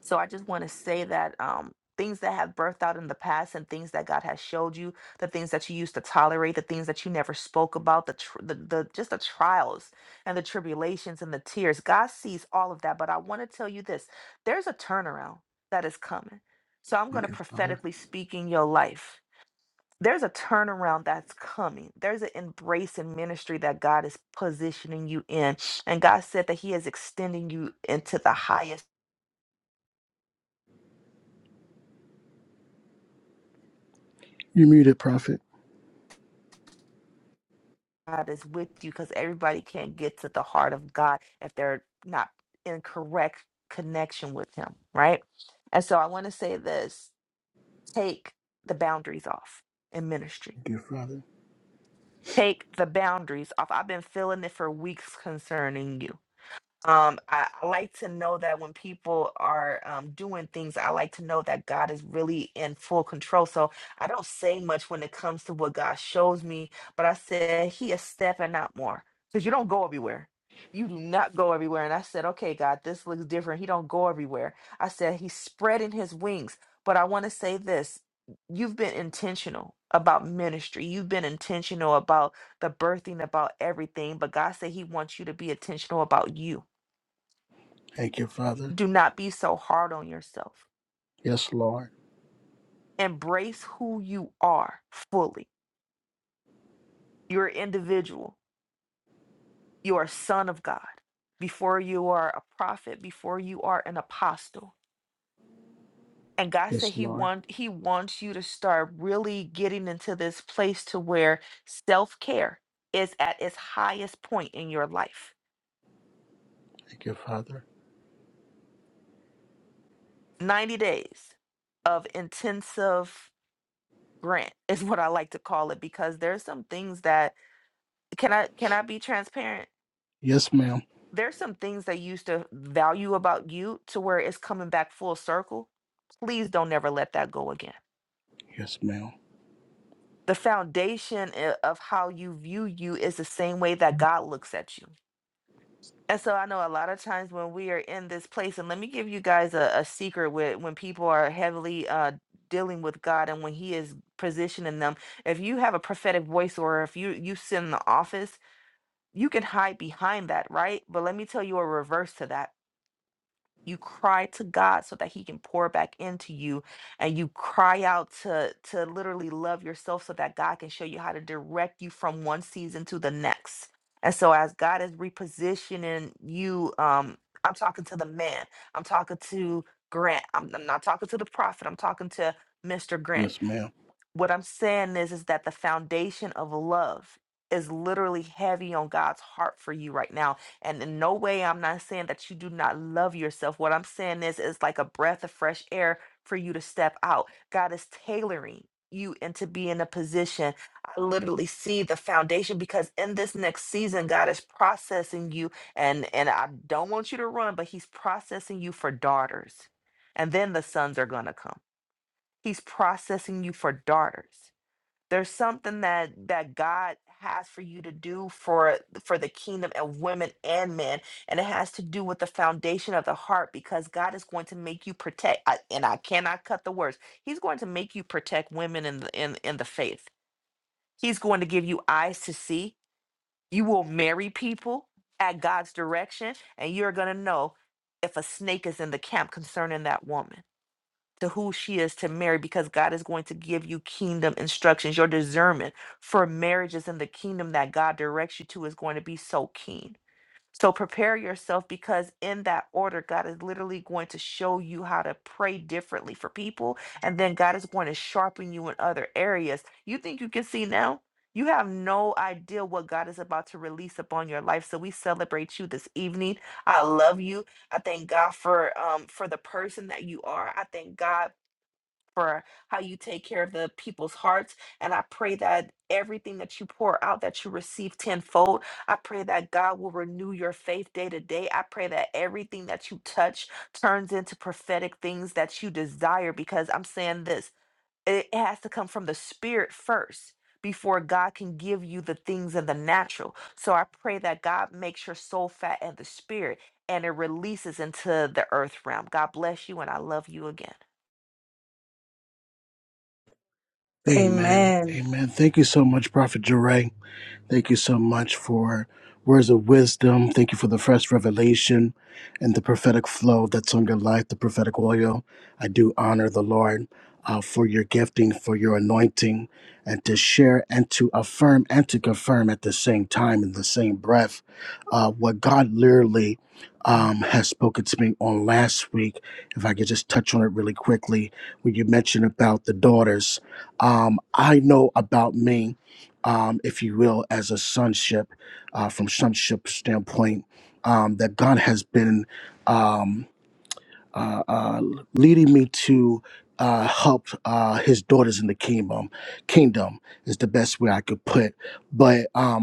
So I just want to say that um, things that have birthed out in the past and things that God has showed you, the things that you used to tolerate, the things that you never spoke about, the tr- the, the just the trials and the tribulations and the tears. God sees all of that, but I want to tell you this: there's a turnaround that is coming. So I'm going to Thank you, Father. prophetically speak in your life. There's a turnaround that's coming. There's an embrace in ministry that God is positioning you in. And God said that He is extending you into the highest. You muted, Prophet. God is with you because everybody can't get to the heart of God if they're not in correct connection with Him, right? And so I want to say this take the boundaries off in ministry. Thank you, Father. Take the boundaries off. I've been feeling it for weeks concerning you um, I, I like to know that when people are um, doing things, I like to know that God is really in full control. So I don't say much when it comes to what God shows me, but I said, He is stepping out more because you don't go everywhere. You do not go everywhere. And I said, Okay, God, this looks different. He don't go everywhere. I said, He's spreading His wings. But I want to say this you've been intentional about ministry. You've been intentional about the birthing, about everything. But God said He wants you to be intentional about you Thank you, Father. do not be so hard on yourself. Yes, Lord. Embrace who you are fully. You're an individual. You are a son of God. Before you are a prophet, before you are an apostle. And God said Yes, He Lord. want He wants you to start really getting into this place to where self-care is at its highest point in your life. Thank you, Father. 90 days of intensive grant (laughs) is what I like to call it because there's some things that can I can I be transparent? Yes, ma'am. there's some things they used to value about you to where it's coming back full circle. Please don't never let that go again. Yes, ma'am. The foundation i- of how you view you is the same way that God looks at you. And so I know a lot of times when we are in this place, and let me give you guys a, a secret with when people are heavily uh dealing with God and when He is positioning them, if you have a prophetic voice or if you you sit in the office, you can hide behind that, right? But let me tell you a reverse to that you cry to God so that he can pour back into you and you cry out to to literally love yourself so that God can show you how to direct you from one season to the next. And so as God is repositioning you um I'm talking to the man. I'm talking to Grant. I'm, I'm not talking to the prophet. I'm talking to Mr. Grant Yes, ma'am. what I'm saying is is that the foundation of love is literally heavy on God's heart for you right now. And in no way I'm not saying that you do not love yourself. What I'm saying is is like a breath of fresh air for you to step out. God is tailoring you into being a position. I literally see the foundation because in this next season God is processing you and and I don't want you to run, but he's processing you for daughters. And then the sons are going to come. He's processing you for daughters there's something that that God has for you to do for for the kingdom of women and men and it has to do with the foundation of the heart because God is going to make you protect I, and I cannot cut the words he's going to make you protect women in the in, in the faith he's going to give you eyes to see you will marry people at God's direction and you're going to know if a snake is in the camp concerning that woman to who she is to marry because God is going to give you kingdom instructions. Your discernment for marriages in the kingdom that God directs you to is going to be so keen. So prepare yourself because in that order, God is literally going to show you how to pray differently for people. And then God is going to sharpen you in other areas. You think you can see now? You have no idea what God is about to release upon your life. So we celebrate you this evening. I love you. I thank God for um for the person that you are. I thank God for how you take care of the people's hearts. And I pray that everything that you pour out, that you receive tenfold. I pray that God will renew your faith day to day. I pray that everything that you touch turns into prophetic things that you desire. Because I'm saying this, it has to come from the spirit first. Before God can give you the things in the natural. So I pray that God makes your soul fat and the spirit and it releases into the earth realm. God bless you and I love you again. Amen. Amen. Amen. Thank you so much, Prophet Jeray. Thank you so much for words of wisdom. Thank you for the fresh revelation and the prophetic flow that's on your life, the prophetic oil. I do honor the Lord uh, for your gifting, for your anointing, and to share and to affirm and to confirm at the same time, in the same breath, uh, what God literally um, has spoken to me on last week. If I could just touch on it really quickly, when you mentioned about the daughters, um, I know about me um, if you will, as a sonship, uh, from sonship standpoint, um, that God has been um, uh, uh, leading me to uh, help uh, His daughters in the kingdom. Kingdom is the best way I could put, but. um,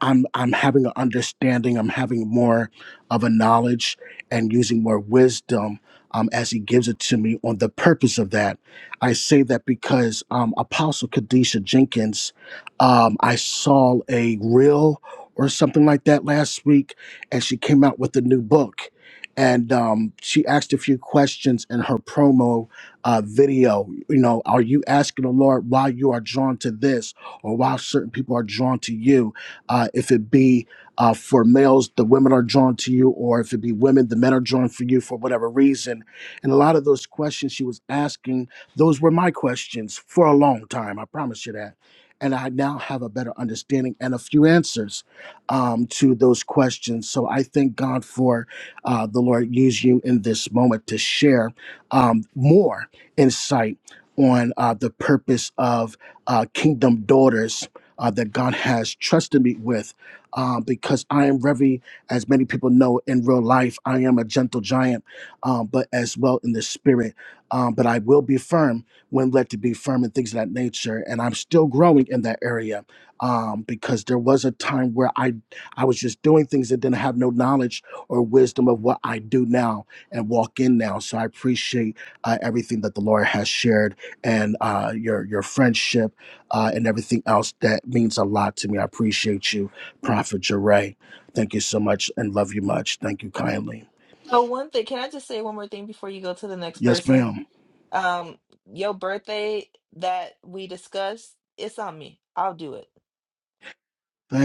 I'm I'm having an understanding. I'm having more of a knowledge and using more wisdom um, as He gives it to me on the purpose of that. I say that because um, Apostle Kadesha Jenkins, um, I saw a reel or something like that last week, and she came out with a new book. And um, she asked a few questions in her promo uh, video. You know, are you asking the Lord why you are drawn to this or why certain people are drawn to you? Uh, if it be uh, for males, the women are drawn to you, or if it be women, the men are drawn for you for whatever reason. And a lot of those questions she was asking, those were my questions for a long time. I promise you that. And I now have a better understanding and a few answers um, to those questions. So I thank God for uh, the Lord use you in this moment to share um, more insight on uh, the purpose of uh, Kingdom Daughters uh, that God has trusted me with uh, because I am very, as many people know in real life, I am a gentle giant, um, but as well in the spirit. Um, but I will be firm when led to be firm and things of that nature. And I'm still growing in that area um, because there was a time where I, I was just doing things that didn't have no knowledge or wisdom of what I do now and walk in now. So I appreciate uh, everything that the Lord has shared and uh, your, your friendship uh, and everything else. That means a lot to me. I appreciate you, Prophet Jeray. Thank you so much and love you much. Thank you kindly. Oh, one thing. Can I just say one more thing before you go to the next Yes, person? ma'am. Um, your birthday that we discussed, it's on me. I'll do it.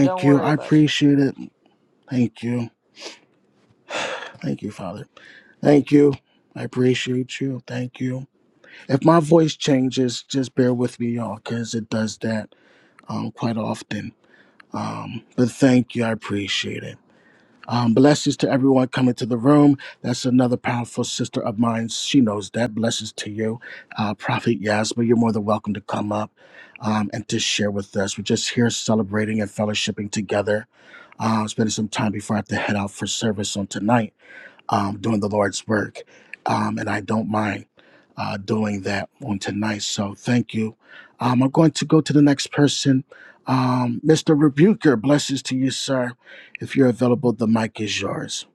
Don't you. worry I about it. appreciate it. Thank you. Thank you, Father. Thank you. I appreciate you. Thank you. If my voice changes, just bear with me, y'all, because it does that um, quite often. Um, but thank you. I appreciate it. Um, blessings to everyone coming to the room. That's another powerful sister of mine. She knows that. Blessings to you, uh, Prophet Yasma. You're more than welcome to come up um, and to share with us. We're just here celebrating and fellowshipping together. Uh, spending some time before I have to head out for service on tonight um, doing the Lord's work. Um, and I don't mind uh, doing that on tonight. So thank you. Um, I'm going to go to the next person. Um, Mr. Rebuker, blessings to you, sir. If you're available, the mic is yours.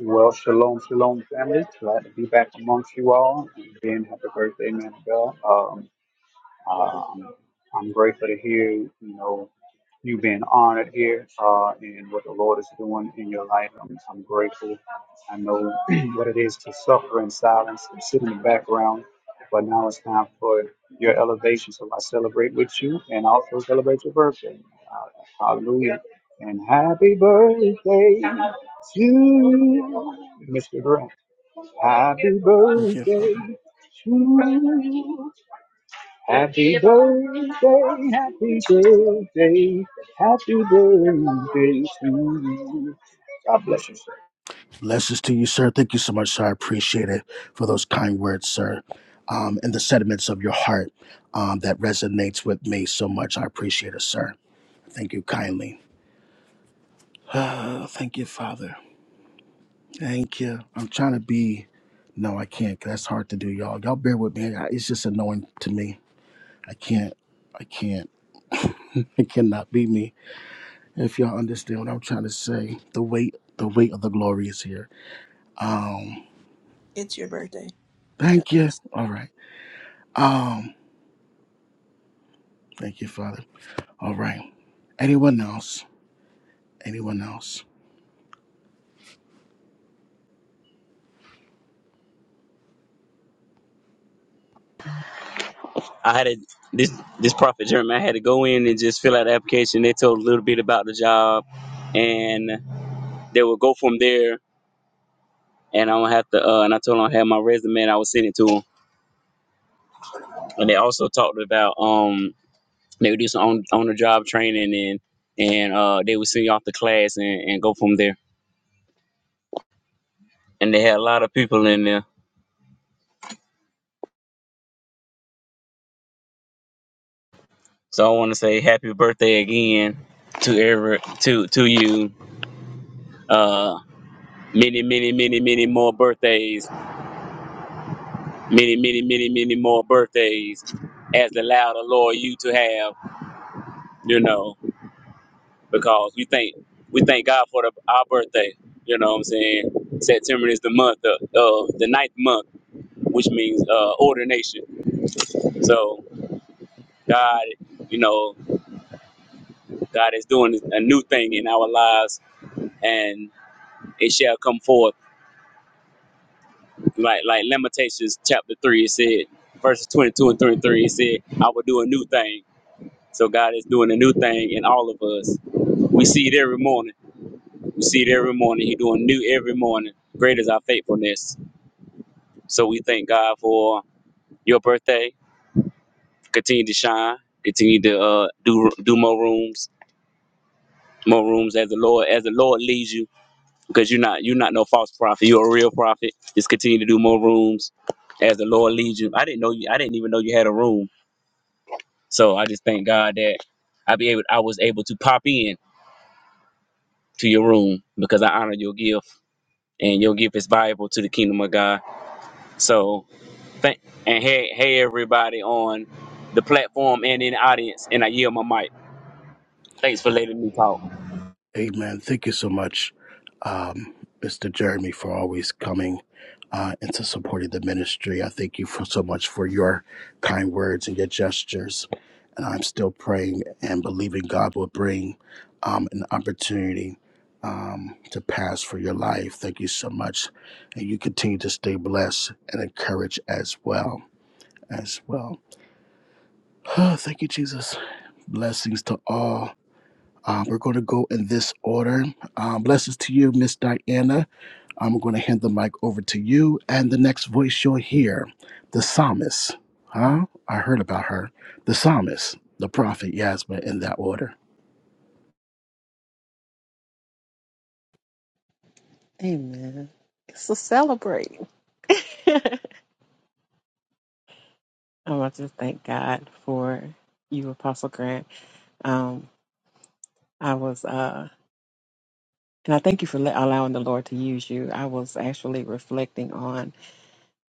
Well, shalom, shalom, family. Glad to be back amongst you all. And again, happy birthday, man of God. Um, um, I'm grateful to hear, you know, you being honored here uh, and what the Lord is doing in your life. I'm, I'm grateful. I know (clears throat) what it is to suffer in silence and sit in the background, but now it's time for your elevation. So I celebrate with you and also celebrate your birthday. Uh, hallelujah. And happy birthday to you, Mr. Grant. Happy Thank you, birthday Father. to you. Happy birthday, happy birthday, happy birthday to you. God bless you. Blessings to you, sir. Thank you so much, sir. I appreciate it for those kind words, sir, um, and the sentiments of your heart um, that resonates with me so much. I appreciate it, sir. Thank you kindly. (sighs) thank you, Father. Thank you. I'm trying to be. No, I can't. 'cause That's hard to do, y'all. Y'all bear with me. I- It's just annoying to me. I can't. I can't. (laughs) it cannot be me. If y'all understand what I'm trying to say, the weight, the weight of the glory is here. Um, It's your birthday. God thank bless. you. All right. Um, thank you, Father. All right. Anyone else? Anyone else? I had a, this this prophet Jeremy. I had to go in and just fill out the application. They told a little bit about the job, and they will go from there. And I don't have to. Uh, and I told them I had my resume. and I was sending to them. And they also talked about. um. They would do some on, on the job training and and uh, they would send you off the class and, and go from there. And they had a lot of people in there. So I want to say happy birthday again to ever to to you. Uh, many many many many more birthdays. Many many many many more birthdays as allowed the Lord you to have. You know because we thank we thank God for the, our birthday. You know what I'm saying? September is the month of uh, the ninth month, which means uh, ordination. So God, you know, God is doing a new thing in our lives, and it shall come forth. Like like Lamentations chapter three, it said, verses twenty two and twenty three, it said, "I will do a new thing." So God is doing a new thing in all of us. We see it every morning. We see it every morning. He doing new every morning. Great is our faithfulness. So we thank God for your birthday. Continue to shine. Continue to uh, do do more rooms, more rooms as the Lord as the Lord leads you because you're not you're not no false prophet. You're a real prophet. Just continue to do more rooms as the Lord leads you. I didn't know you. I didn't even know you had a room. So I just thank God that I be able. I was able to pop in to your room because I honor your gift and your gift is valuable to the kingdom of God. So thank and hey hey everybody on the platform and in the audience and I yield my mic. Thanks for letting me talk. Amen. Thank you so much, um, Mr. Jeremy, for always coming uh, and supporting the ministry. I thank you for so much for your kind words and your gestures. And I'm still praying and believing God will bring um, an opportunity um, to pass for your life. Thank you so much. And you continue to stay blessed and encouraged as well. As well. (sighs) thank you, Jesus. Blessings to all. Um, we're going to go in this order. Um, blessings to you, Miss Diana. I'm going to hand the mic over to you. And the next voice you'll hear, the psalmist. Huh? I heard about her. The psalmist, the prophet Yasmin, in that order. Amen. So celebrate. (laughs) I want to thank God for you, Apostle Grant. Um, I was, uh, and I thank you for let, allowing the Lord to use you. I was actually reflecting on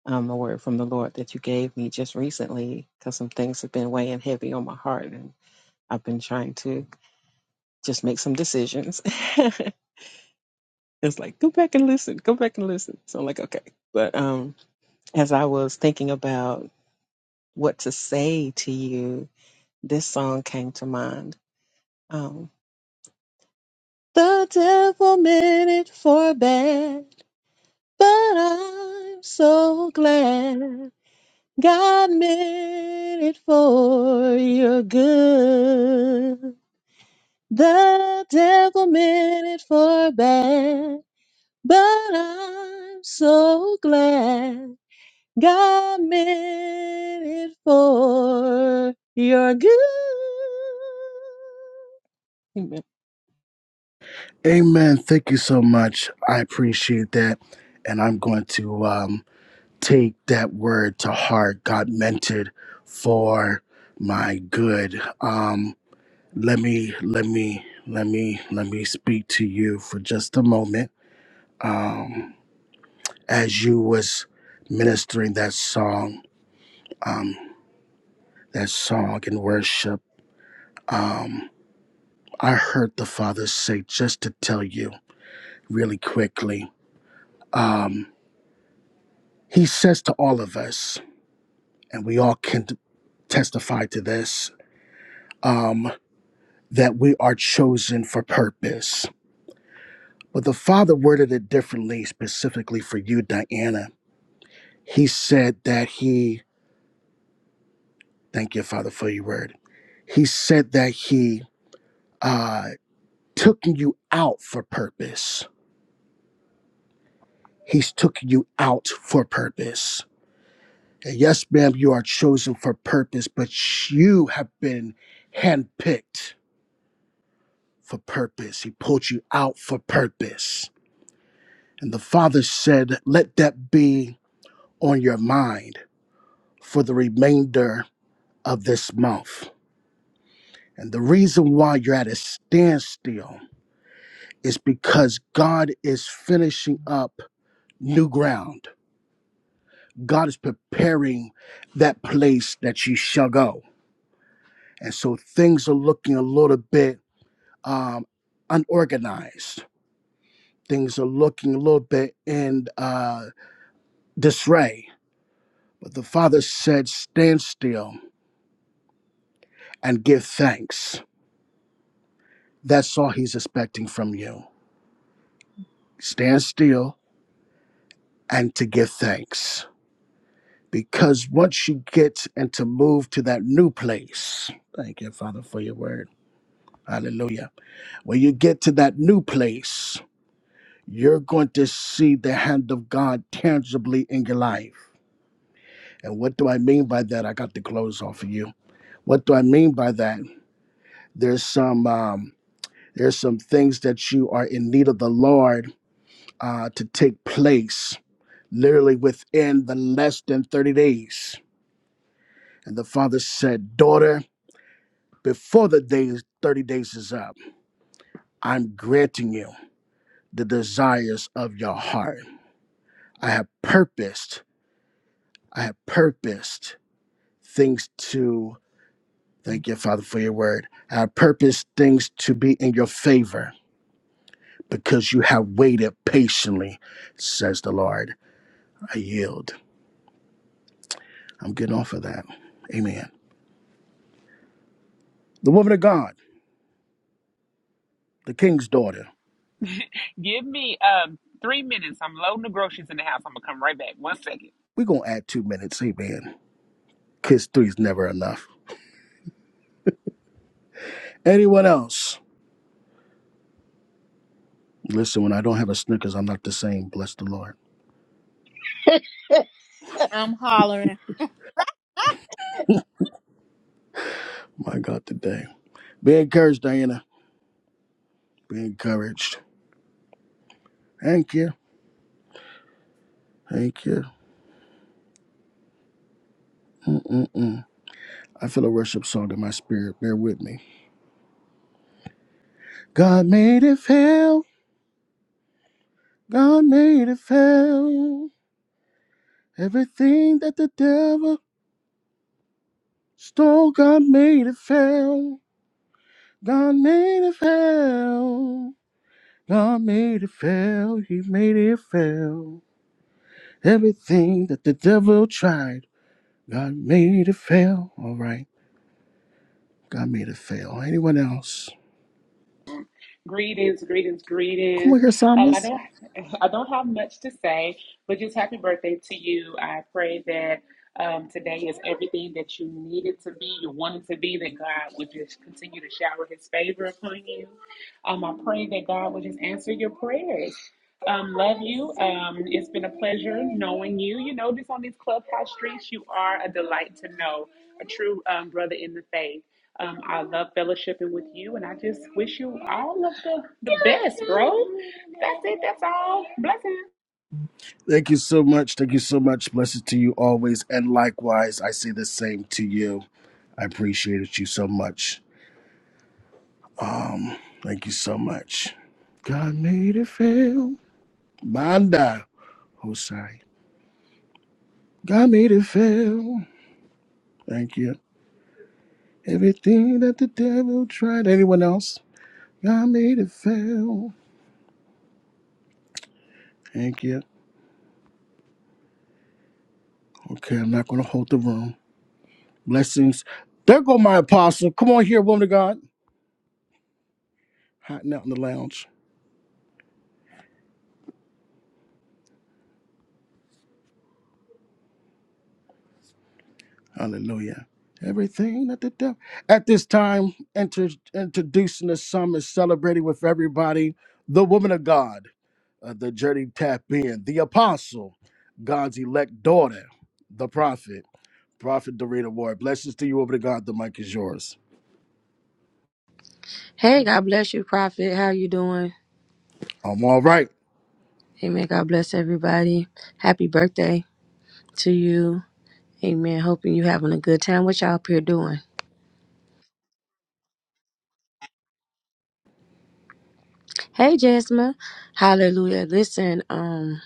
um, a word from the Lord that you gave me just recently because some things have been weighing heavy on my heart, and I've been trying to just make some decisions. (laughs) it's like go back and listen, go back and listen. So I'm like, okay. But um, as I was thinking about what to say to you, this song came to mind. Um, the devil meant it for bad, but I'm so glad God meant it for your good. The devil meant it for bad, but I'm so glad God meant it for your good. Amen. Thank you so much. I appreciate that. And I'm going to um, take that word to heart. God meant it for my good. Um, let me let me let me let me speak to you for just a moment as you was ministering that song that song in worship um i heard the father say just to tell you really quickly um he says to all of us and we all can t- testify to this um that we are chosen for purpose but the father worded it differently specifically for you diana he said that he Thank you, Father, for your word. He said that he uh, took you out for purpose. He's took you out for purpose. And yes, ma'am, you are chosen for purpose, but you have been handpicked for purpose. He pulled you out for purpose. And the Father said, Let that be on your mind for the remainder of this month. And the reason why you're at a standstill is because God is finishing up new ground. God is preparing that place that you shall go. And so things are looking a little bit um, unorganized. Things are looking a little bit in uh, disarray. But the Father said, Stand still and give thanks. That's all He's expecting from you. Stand still and to give thanks because once you get and to move to that new place, thank you, Father, for your word. Hallelujah. When you get to that new place, you're going to see the hand of God tangibly in your life. And what do I mean by that? I got the clothes off of you. What do I mean by that? There's some um, there's some things that you are in need of the Lord uh, to take place literally within the less than 30 days. And the father said, Daughter, before the days 30 days is up i'm granting you the desires of your heart i have purposed i have purposed things to thank you father for your word i have purposed things to be in your favor because you have waited patiently says the lord i yield i'm getting off of that amen the woman of god the king's daughter Give me um three minutes. I'm loading the groceries in the house. I'm gonna come right back. One second. we're gonna add two minutes amen kids three is never enough anyone else Listen, when I don't have a Snickers, I'm not the same. Bless the Lord. I'm hollering. My God, today. Be encouraged, Diana. Be encouraged. Thank you. Thank you. Mm-mm-mm. I feel a worship song in my spirit. Bear with me. God made it fail. God made it fail. Everything that the devil stole, God made it fail. God made it fail. God made it fail. He made it fail. Everything that the devil tried. God made it fail. All right. God made it fail. Anyone else? Greetings, greetings, Come greetings. on here, Um, I Psalmist. don't, I don't have much to say, but just happy birthday to you. I pray that um, today is everything that you needed to be, you wanted to be. That God would just continue to shower His favor upon you. Um, I pray that God would just answer your prayers. Um, love you. Um, it's been a pleasure knowing you. You know, just on these clubhouse streets, you are a delight to know, a true um, brother in the faith. Um, I love fellowshipping with you, and I just wish you all of the, the best, bro. That's it. That's all. Blessings. Thank you so much. Thank you so much. Blessed to you always. And likewise, I say the same to you. I appreciate you so much. Thank you so much. God made it fail. Manda Hosai. God made it fail. Thank you. Everything that the devil tried. Anyone else? God made it fail. Thank you. Okay, I'm not going to hold the room. Blessings. There go my apostle. Come on here, woman of God. Hiding out in the lounge. Hallelujah. Everything that the devil. At this time, inter- introducing the summit, celebrating with everybody, the woman of God, uh, the journey tap in, the apostle, God's elect daughter, the prophet, prophet Dorita Ward. Blessings to you, woman of God. The mic is yours. Hey, God bless you, Prophet. How you doing? I'm all right. Amen. God bless everybody. Happy birthday to you. Amen. Hoping you having a good time. What y'all up here doing? Hey, Jasmine. Hallelujah. Listen, um,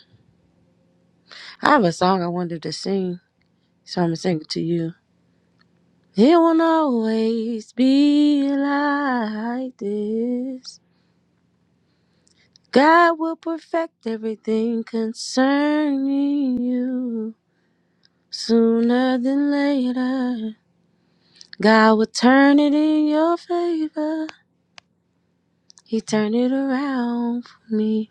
I have a song I wanted to sing, so I'm gonna sing it to you. It won't always be like this. God will perfect everything concerning you sooner than later. God will turn it in your favor. He turned it around for me.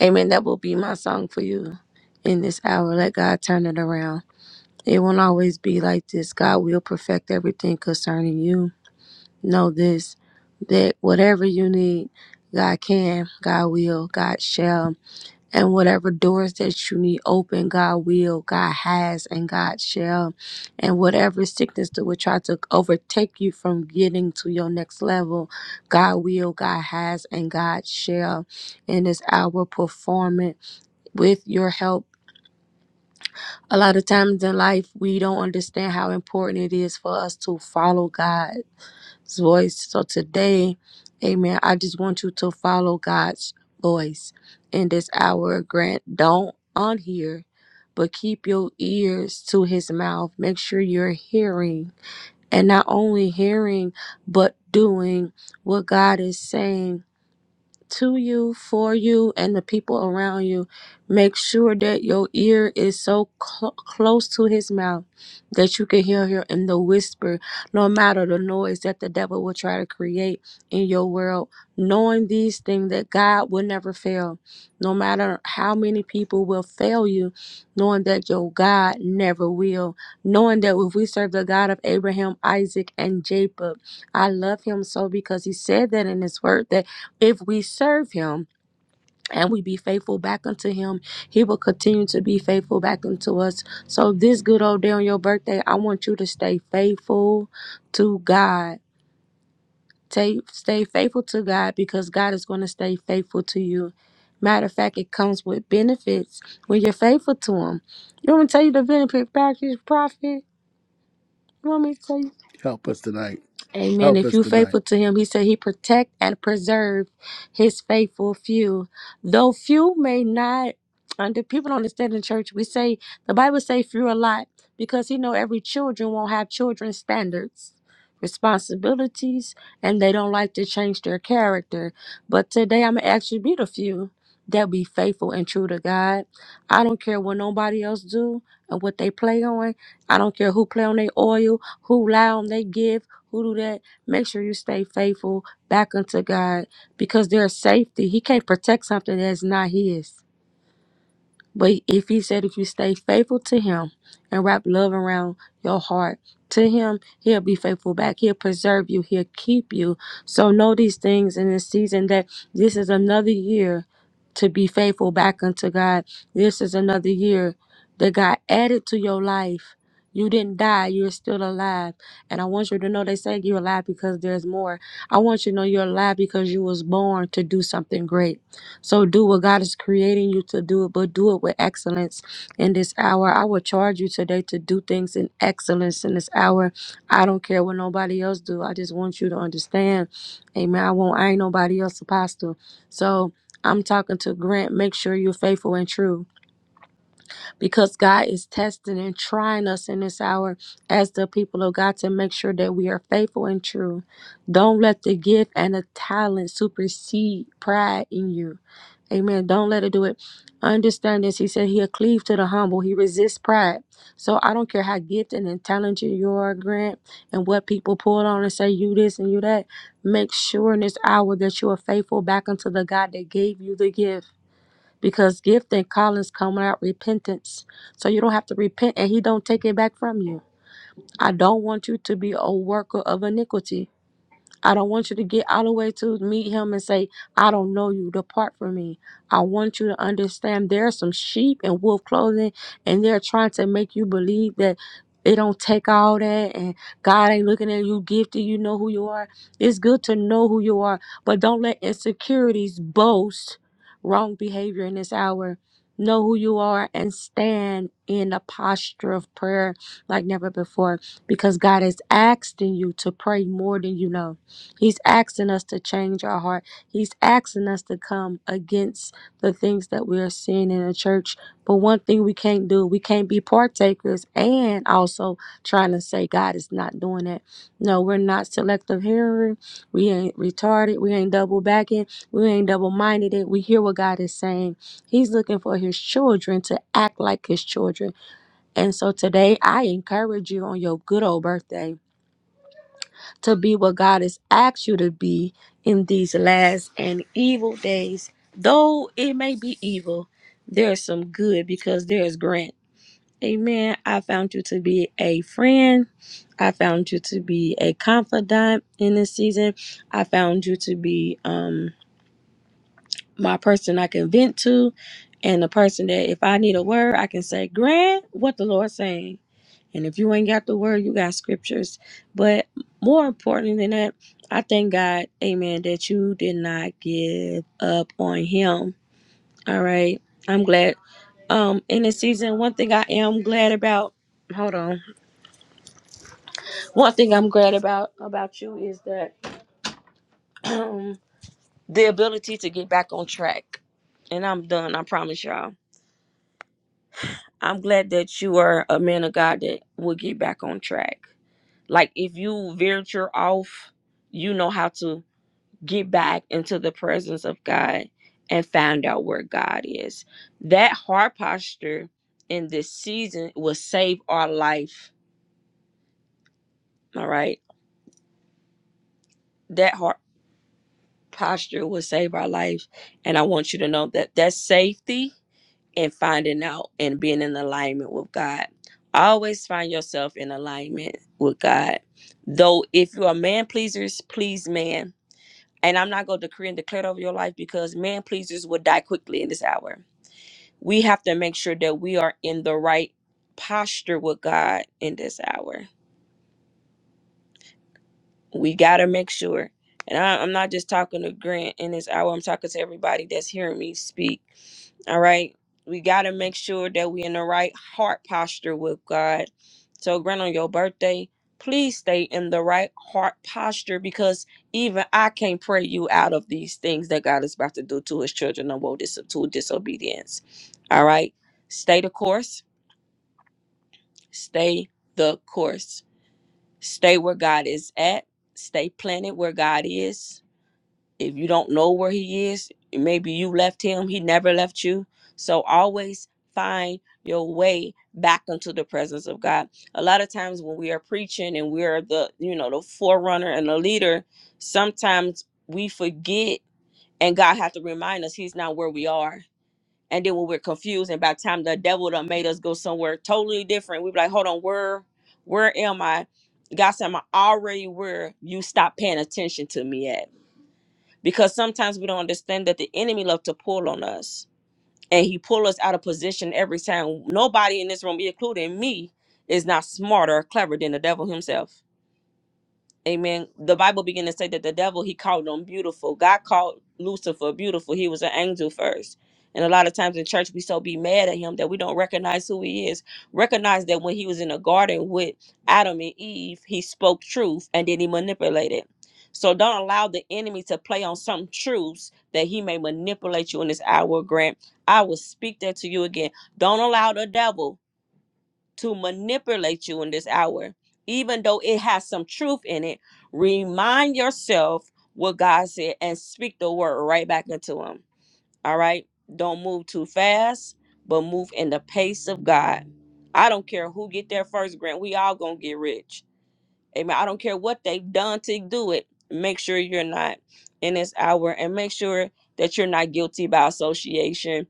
Amen. That will be my song for you in this hour. Let God turn it around. It won't always be like this. God will perfect everything concerning you. Know this that whatever you need, God can, God will, God shall. And whatever doors that you need open, God will, God has, and God shall. And whatever sickness that would try to overtake you from getting to your next level, God will, God has, and God shall. And it's our performance with your help. A lot of times in life, we don't understand how important it is for us to follow God voice. So today, amen, I just want you to follow God's voice in this hour. Grant, don't unhear, but keep your ears to his mouth. Make sure you're hearing and not only hearing, but doing what God is saying to you, for you, and the people around you. Make sure that your ear is so cl- close to his mouth that you can hear him in the whisper, no matter the noise that the devil will try to create in your world. Knowing these things that God will never fail, no matter how many people will fail you, knowing that your God never will. Knowing that if we serve the God of Abraham, Isaac, and Jacob, I love him so because he said that in his word that if we serve him and we be faithful back unto him, he will continue to be faithful back unto us. So, this good old day on your birthday, I want you to stay faithful to God. Stay, stay faithful to God because God is going to stay faithful to you. Matter of fact, it comes with benefits when you're faithful to Him. You want me to tell you the benefit package, prophet? You want me to tell you? Help us tonight. Amen. Help If us you tonight. faithful to him, he said he protect and preserve his faithful few. Though few may not under people don't understand in church, we say the Bible say few a lot because he know every children won't have children's standards, responsibilities, and they don't like to change their character. But today I'm gonna actually be the few that be faithful and true to God. I don't care what nobody else do and what they play on. I don't care who play on their oil, who lie on they give who do that, make sure you stay faithful back unto God because there's safety. He can't protect something that's not his. But if he said if you stay faithful to him and wrap love around your heart to him, he'll be faithful back. He'll preserve you. He'll keep you. So know these things in this season that this is another year to be faithful back unto God. This is another year that God added to your life. You didn't die, you're still alive. And I want you to know they say you're alive because there's more. I want you to know you're alive because you was born to do something great. So do what God is creating you to do, but do it with excellence in this hour. I will charge you today to do things in excellence in this hour. I don't care what nobody else do. I just want you to understand. Amen. I won't I ain't nobody else apostle. So I'm talking to Grant. Make sure you're faithful and true because God is testing and trying us in this hour as the people of God to make sure that we are faithful and true. Don't let the gift and the talent supersede pride in you. Amen. Don't let it do it. Understand this. He said he'll cleave to the humble. He resists pride. So I don't care how gifted and talented you are, Grant, and what people pull on and say you this and you that. Make sure in this hour that you are faithful back unto the God that gave you the gift. Because gift and callings come out repentance. So you don't have to repent and he don't take it back from you. I don't want you to be a worker of iniquity. I don't want you to get all the way to meet him and say, I don't know you, depart from me. I want you to understand there are some sheep in wolf clothing, and they're trying to make you believe that it don't take all that and God ain't looking at you gifted, you know who you are. It's good to know who you are, but don't let insecurities boast wrong behavior in this hour. Know who you are and stand in a posture of prayer like never before because God is asking you to pray more than you know. He's asking us to change our heart. He's asking us to come against the things that we are seeing in the church. But one thing we can't do, we can't be partakers and also trying to say God is not doing that. No, we're not selective hearing. We ain't retarded. We ain't double backing. We ain't double minded. We hear what God is saying. He's looking for his children to act like his children. And so today, I encourage you on your good old birthday to be what God has asked you to be in these last and evil days. Though it may be evil, there's some good because there is grant. Amen. I found you to be a friend. I found you to be a confidant in this season. I found you to be um my person I can vent to, and the person that if I need a word, I can say, Grant, what the Lord saying. And if you ain't got the word, you got scriptures. But more important than that, I thank God, amen, that you did not give up on him. All right. I'm glad. Um, in this season, one thing I am glad about, hold on. One thing I'm glad about about you is that (clears throat) the ability to get back on track. And I'm done, I promise y'all I'm glad that you are a man of God that will get back on track. Like if you venture off, you know how to get back into the presence of God and find out where God is. That heart posture in this season will save our life. All right. That heart posture will save our life. And I want you to know that that's safety and finding out and being in alignment with God. Always find yourself in alignment with God. Though if you are man pleasers, please man. And I'm not going to decree and declare it over your life because man pleasers will die quickly in this hour. We have to make sure that we are in the right posture with God in this hour we gotta make sure and I, i'm not just talking to grant in this hour i'm talking to everybody that's hearing me speak all right we gotta make sure that we in the right heart posture with god so grant on your birthday please stay in the right heart posture because even i can't pray you out of these things that god is about to do to his children and woe dis- to disobedience all right stay the course stay the course Stay where God is at. Stay planted where God is. If you don't know where He is, maybe you left Him, He never left you. So always find your way back into the presence of God. A lot of times when we are preaching and we are the, you know, the forerunner and the leader, sometimes we forget and God has to remind us He's not where we are and then when we're confused, and by the time the devil done made us go somewhere totally different, we be like, hold on, where where am I? God said, I'm already where you stop paying attention to me at. Because sometimes we don't understand that the enemy loves to pull on us. And he pull us out of position every time. Nobody in this room, including me, is not smarter or clever than the devil himself Amen. The Bible began to say that the devil he called them beautiful. God called Lucifer beautiful. He was an angel first. And a lot of times in church we so be mad at him that we don't recognize who he is. Recognize that when he was in the garden with Adam and Eve, he spoke truth and then he manipulated. So don't allow the enemy to play on some truths that he may manipulate you in this hour, Grant. I will speak that to you again. Don't allow the devil to manipulate you in this hour, even though it has some truth in it. Remind yourself what God said and speak the word right back into Him. All right? Don't move too fast, but move in the pace of God. I don't care who get there first, Grant. We all gonna get rich. Amen. I don't care what they've done to do it. Make sure you're not in this hour and make sure that you're not guilty by association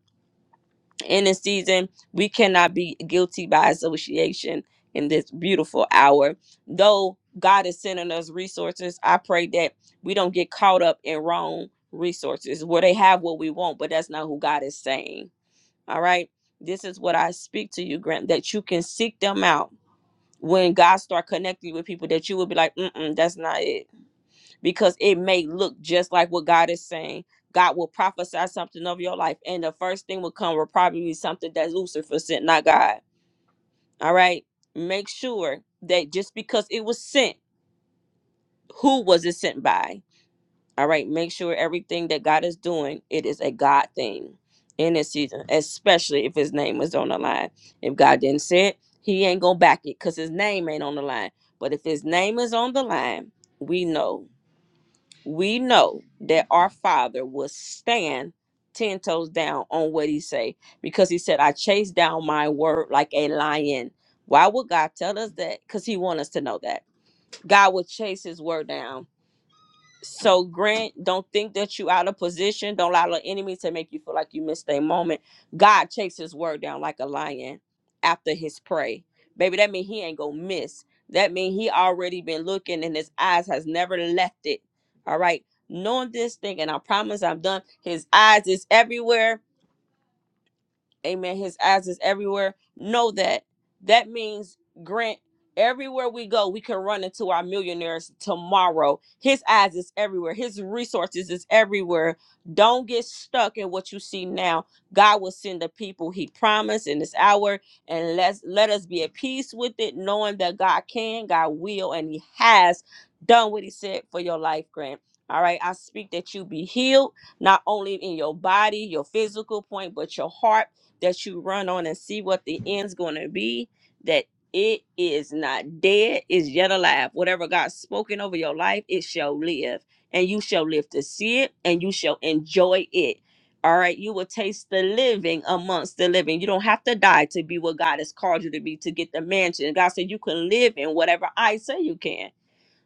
in this season. We cannot be guilty by association in this beautiful hour. Though God is sending us resources, I pray that we don't get caught up in wrong resources where they have what we want, but that's not who God is saying. All right. This is what I speak to you, Grant, that you can seek them out. When God start connecting you with people, that you will be like, mm-mm, that's not it because it may look just like what God is saying. God will prophesy something of your life, and the first thing will come will probably be something that Lucifer sent, not God. All right. Make sure that just because it was sent, who was it sent by? All right. Make sure everything that God is doing, it is a God thing in this season, especially if his name is on the line. If God didn't say it, he ain't gonna back it because his name ain't on the line. But if his name is on the line, we know we know that our father will stand ten toes down on what he say because he said i chase down my word like a lion why would god tell us that because he want us to know that god will chase his word down so Grant, don't think that you out of position. Don't allow the enemy to make you feel like you missed a moment. God chased his word down like a lion after his prey. Baby, that mean he ain't gonna miss. That mean he already been looking and his eyes has never left it. All right. Knowing this thing, and I promise I'm done. His eyes is everywhere Amen. His eyes is everywhere. Know that. That means Grant, everywhere we go, we can run into our millionaires tomorrow. His eyes is everywhere. His resources is everywhere. Don't get stuck in what you see now. God will send the people he promised in this hour. And let's let us be at peace with it, knowing that God can, God will, and He has done what He said for your life, Grant. All right. I speak that you be healed, not only in your body, your physical point, but your heart that you run on and see what the end's going to be, that it is not dead, is yet alive. Whatever God's spoken over your life, it shall live. And you shall live to see it and you shall enjoy it. All right. You will taste the living amongst the living. You don't have to die to be what God has called you to be to get the mansion. God said you can live in whatever I say you can.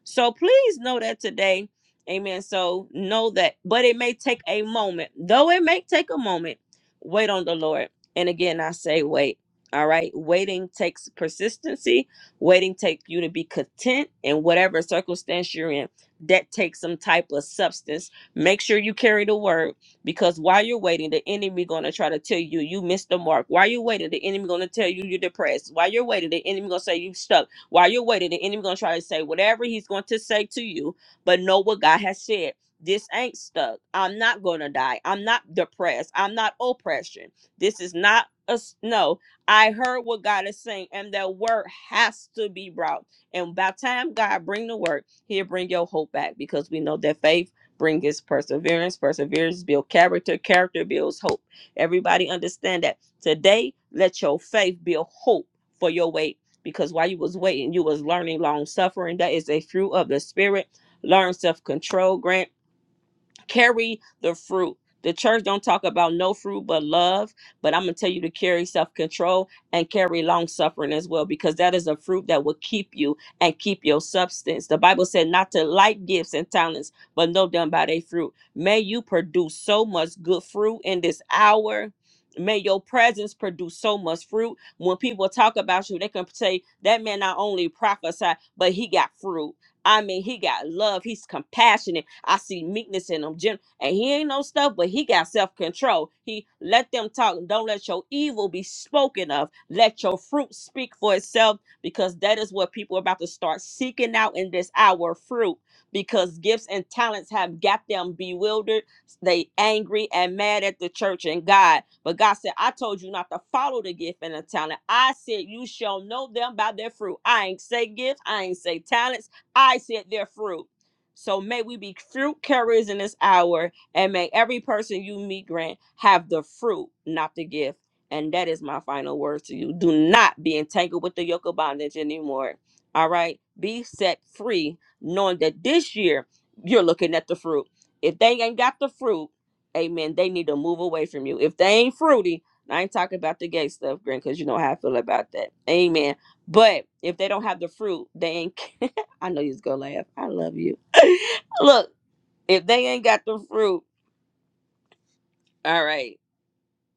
So please know that today. Amen. So know that, but it may take a moment. Though it may take a moment, wait on the Lord. And again, I say wait. All right. Waiting takes persistency. Waiting takes you to be content in whatever circumstance you're in. That takes some type of substance. Make sure you carry the word because while you're waiting, the enemy gonna try to tell you you missed the mark. While you're waiting, the enemy gonna tell you you're depressed. While you're waiting, the enemy gonna say you stuck. While you're waiting, the enemy gonna try to say whatever he's going to say to you, but know what God has said. This ain't stuck. I'm not gonna die. I'm not depressed. I'm not oppression. This is not a s- no. I heard what God is saying, and that word has to be brought. And by the time God bring the word, He'll bring your hope back because we know that faith brings perseverance. Perseverance builds character. Character builds hope. Everybody understand that today. Let your faith build hope for your wait because while you was waiting, you was learning long suffering. That is a fruit of the spirit. Learn self control. Grant carry the fruit the church don't talk about no fruit but love but i'm going to tell you to carry self-control and carry long suffering as well because that is a fruit that will keep you and keep your substance the bible said not to like gifts and talents but know them by their fruit may you produce so much good fruit in this hour May your presence produce so much fruit. When people talk about you, they can say that man not only prophesied, but he got fruit I mean, he got love. He's compassionate. I see meekness in him, gen- and he ain't no stuff, but he got self control. He let them talk. Don't let your evil be spoken of. Let your fruit speak for itself, because that is what people are about to start seeking out in this hour. Fruit, because gifts and talents have got them bewildered. They angry and mad at the church and God. But God said, "I told you not to follow the gift and the talent. I said you shall know them by their fruit. I ain't say gifts. I ain't say talents." I said their fruit. So may we be fruit carriers in this hour, and may every person you meet, Grant, have the fruit, not the gift. And that is my final word to you. Do not be entangled with the yoke of bondage anymore. All right? Be set free, knowing that this year you're looking at the fruit. If they ain't got the fruit, amen, they need to move away from you. If they ain't fruity, I ain't talking about the gay stuff, Grant, because you know how I feel about that. Amen. But if they don't have the fruit, they ain't (laughs) I know you was gonna laugh. I love you. (laughs) Look, if they ain't got the fruit, all right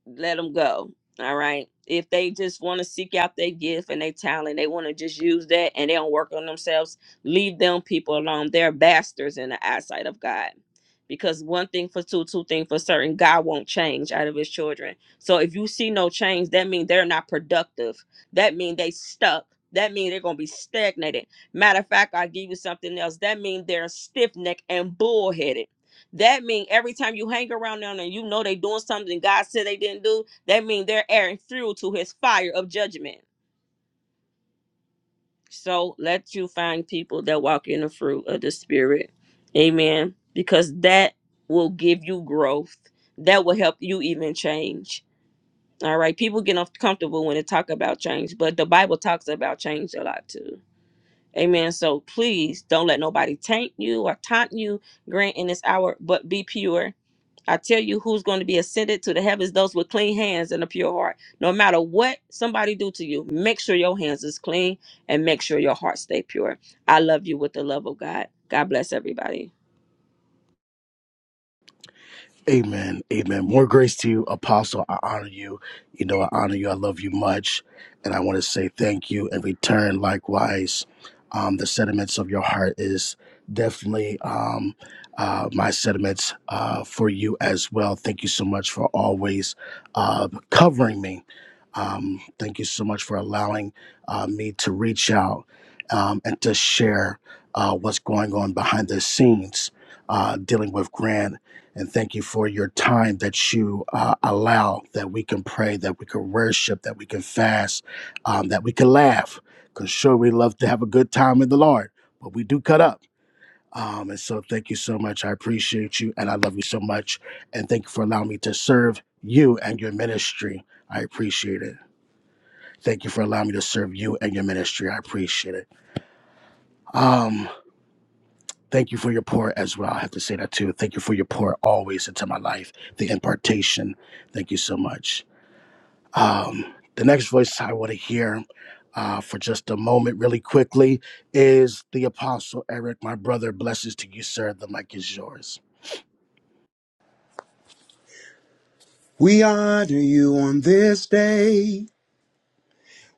let them go. All right. If they just want to seek out their gift and their talent, they want to just use that and they don't work on themselves, leave them people alone. They're bastards in the eyesight of God. Because one thing for two, two things for certain, God won't change out of his children. So if you see no change, that means they're not productive. That means they stuck. That means they're gonna be stagnated. Matter of fact, I'll give you something else. That means they're stiff necked and bullheaded that mean every time you hang around them and you know they doing something God said they didn't do, that mean they're airing through to his fire of judgment. So let you find people that walk in the fruit of the spirit. Amen. Because that will give you growth. That will help you even change. All right. People get uncomfortable when they talk about change, but the Bible talks about change a lot too. Amen. So please don't let nobody taint you or taunt you, grant in this hour, but be pure. I tell you who's going to be ascended to the heavens, those with clean hands and a pure heart. No matter what somebody do to you, make sure your hands is clean and make sure your heart stay pure. I love you with the love of God. God bless everybody. Amen. Amen. More grace to you, Apostle. I honor you. You know, I honor you. I love you much. And I want to say thank you and return likewise. Um, the sentiments of your heart is definitely um, uh, my sentiments uh, for you as well. Thank you so much for always uh, covering me. Um, thank you so much for allowing uh, me to reach out um, and to share uh, what's going on behind the scenes uh, dealing with Grant and thank you for your time that you uh, allow that we can pray, that we can worship, that we can fast, um, that we can laugh. Because sure, we love to have a good time in the Lord, but we do cut up. Um, and so, thank you so much. I appreciate you, and I love you so much. And thank you for allowing me to serve you and your ministry. I appreciate it. Thank you for allowing me to serve you and your ministry. I appreciate it. Um, Thank you for your pour as well. I have to say that too. Thank you for your pour always into my life, the impartation. Thank you so much. Um, the next voice I want to hear uh, for just a moment, really quickly, is the Apostle Eric, my brother. Blessings to you, sir. The mic is yours. We honor you on this day.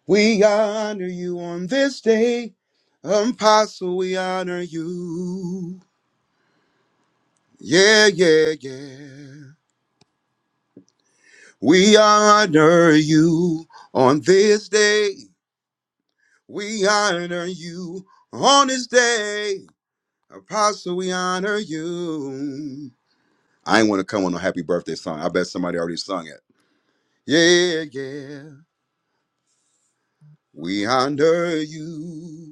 We honor you on this day. Apostle, we honor you. Yeah, yeah, yeah. We honor you on this day. We honor you on this day. Apostle, we honor you. I ain't want to come on a happy birthday song. I bet somebody already sung it. Yeah, yeah. We honor you.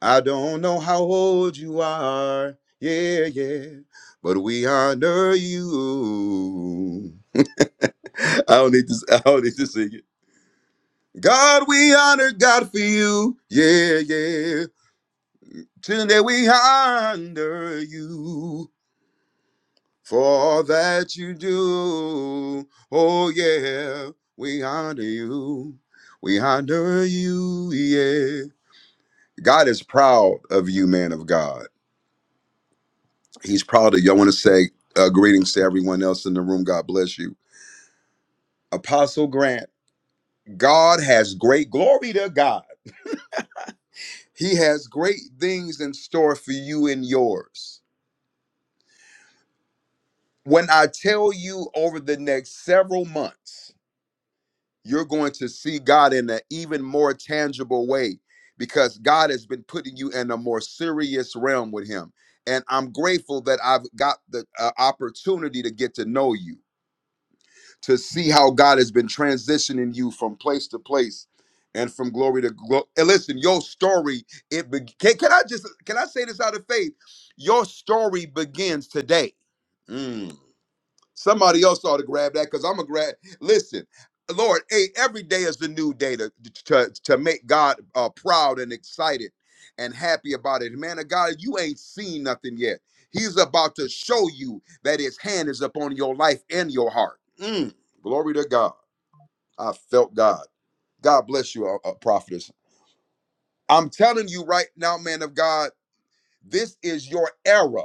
I don't know how old you are. Yeah, yeah. But we honor you. (laughs) I don't need to (laughs) I don't need to sing it. God, we honor God for you. Yeah, yeah. Today we honor you for all that you do. Oh yeah, we honor you. We honor you, yeah. God is proud of you, man of God. He's proud of you. I want to say uh, greetings to everyone else in the room. God bless you. Apostle Grant, God has great glory to God. He has great things in store for you and yours. When I tell you over the next several months, you're going to see God in an even more tangible way because God has been putting you in a more serious realm with Him. And I'm grateful that I've got the uh, opportunity to get to know you. to see how God has been transitioning you from place to place and from glory to glory. And listen, your story it be- can, can I just can I say this out of faith? Your story begins today. Mm. Somebody else ought to grab that because I'm a grab. Listen, Lord, hey, every day is the new day to to, to make God uh, proud and excited and happy about it. Man of God, you ain't seen nothing yet. He's about to show you that His hand is upon your life and your heart. Mm, glory to God. I felt God. God bless you, uh, uh, prophetess. I'm telling you right now, man of God. This is your era.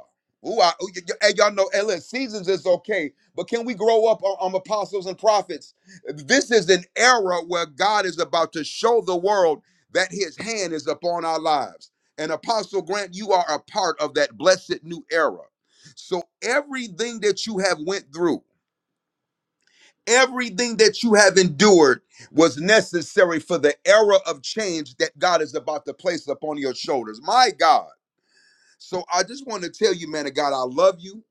Ooh, I, y- y- hey, y'all know, hey, listen, seasons is okay, but can we grow up on, on apostles and prophets? This is an era where God is about to show the world that his hand is upon our lives. And Apostle Grant, you are a part of that blessed new era. So everything that you have went through, everything that you have endured was necessary for the era of change that God is about to place upon your shoulders. My God. So I just want to tell you, man of God, I love you.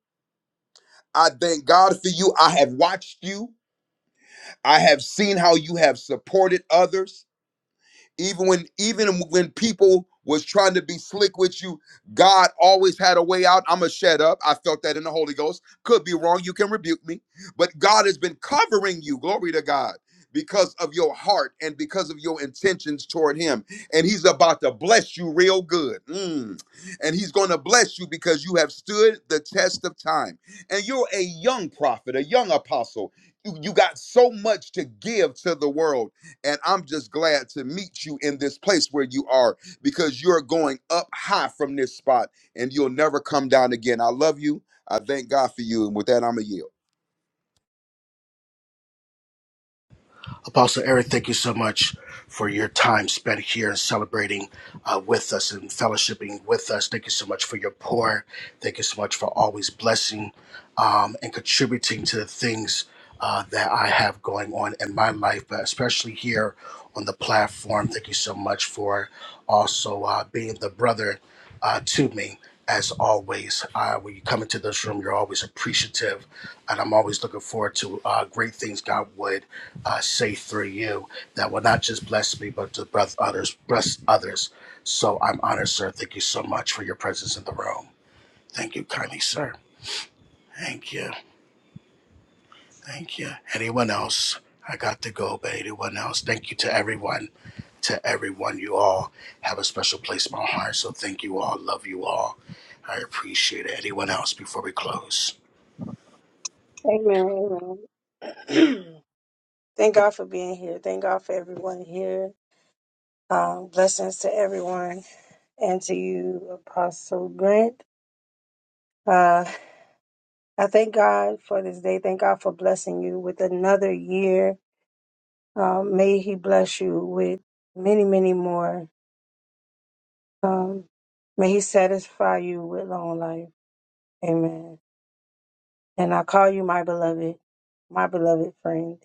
I thank God for you. I have watched you. I have seen how you have supported others. Even when even when people was trying to be slick with you, God always had a way out. I'ma shut up. I felt that in the Holy Ghost. Could be wrong. You can rebuke me. But God has been covering you. Glory to God. Because of your heart and because of your intentions toward him. And he's about to bless you real good. Mm. And he's going to bless you because you have stood the test of time. And you're a young prophet, a young apostle. You, you got so much to give to the world and I'm just glad to meet you in this place where you are because you're going up high from this spot and you'll never come down again. I love you. I thank God for you. And with that, I'm a yield. Apostle Eric, thank you so much for your time spent here and celebrating uh, with us and fellowshipping with us. Thank you so much for your pour. Thank you so much for always blessing um, and contributing to the things uh, that I have going on in my life, but especially here on the platform. Thank you so much for also uh, being the brother uh, to me. As always, uh, when you come into this room, you're always appreciative, and I'm always looking forward to uh, great things God would I say through you that will not just bless me, but to bless others. Bless others. So I'm honored, sir. Thank you so much for your presence in the room. Thank you kindly, sir. Thank you. Thank you. Anyone else? I got to go, but anyone else? Thank you to everyone. To everyone, you all have a special place in my heart. So thank you all. Love you all. I appreciate it. Anyone else before we close? Amen. Amen. (clears throat) Thank God for being here. Thank God for everyone here. Um, blessings to everyone and to you, Apostle Grant. Uh, I thank God for this day. Thank God for blessing you with another year. Um, may He bless you with many, many more. Um, may He satisfy you with long life. Amen. And I call you my beloved, my beloved friend.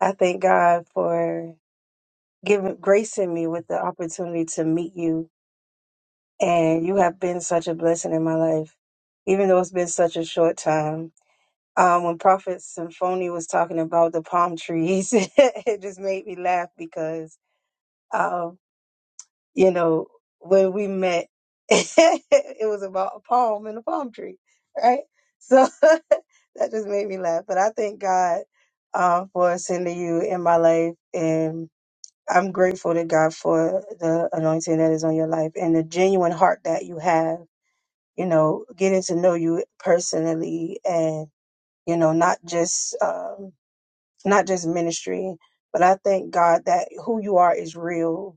I thank God for given gracing me with the opportunity to meet you and you have been such a blessing in my life even though it's been such a short time um, when prophet symphony was talking about the palm trees (laughs) it just made me laugh because um, you know when we met (laughs) it was about a palm and a palm tree right so (laughs) that just made me laugh but i thank god uh, for sending you in my life and. I'm grateful to God for the anointing that is on your life and the genuine heart that you have, you know, getting to know you personally and, you know, not just, um, not just ministry, but I thank God that who you are is real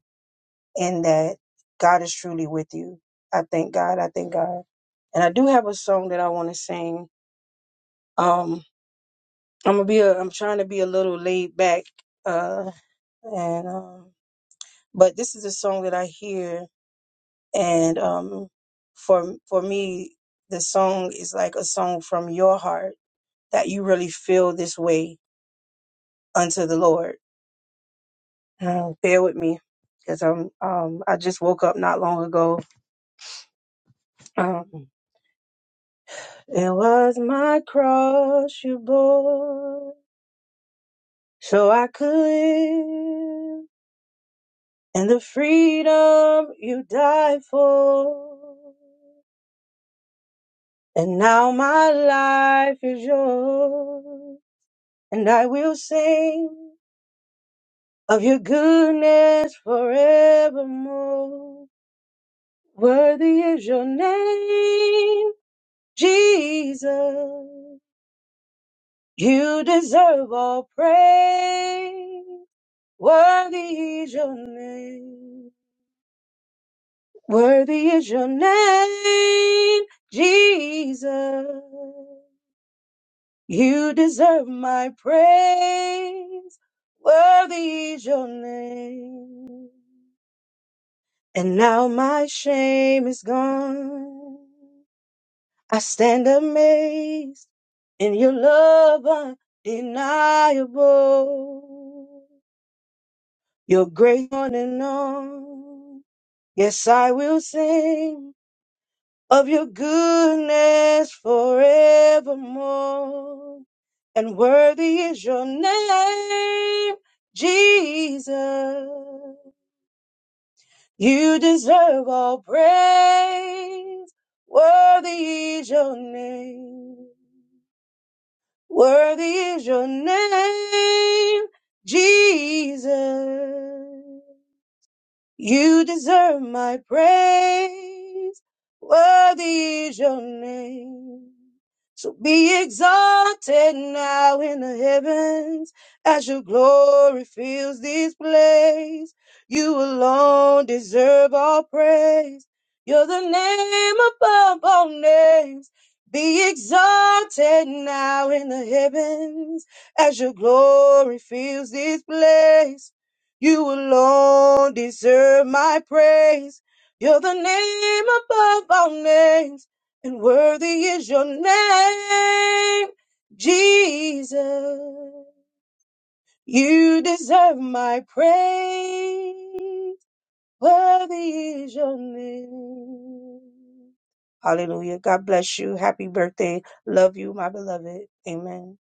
and that God is truly with you. I thank God. I thank God. And I do have a song that I want to sing. Um, I'm gonna be a, I'm trying to be a little laid back, uh, and, um, but this is a song that I hear and um, for for me, the song is like a song from your heart that you really feel this way unto the Lord. Um, bear with me, because I'm um, I just woke up not long ago. Um, it was my cross you bore, so I could live, and the freedom you died for. And now my life is yours, and I will sing of your goodness forevermore. Worthy is your name, Jesus. You deserve all praise. Worthy is your name. Worthy is your name, Jesus. You deserve my praise. Worthy is your name. And now my shame is gone. I stand amazed in your love undeniable. Your grace on and on. Yes, I will sing of your goodness forevermore. And worthy is your name, Jesus. You deserve all praise. Worthy is your name. Worthy is your name, Jesus. You deserve my praise. Worthy is your name. So be exalted now in the heavens as your glory fills this place. You alone deserve all praise. You're the name above all names. Be exalted now in the heavens as your glory fills this place. You alone deserve my praise. You're the name above all names, and worthy is your name, Jesus. You deserve my praise. Worthy is your name. Hallelujah. God bless you. Happy birthday. Love you, my beloved. Amen.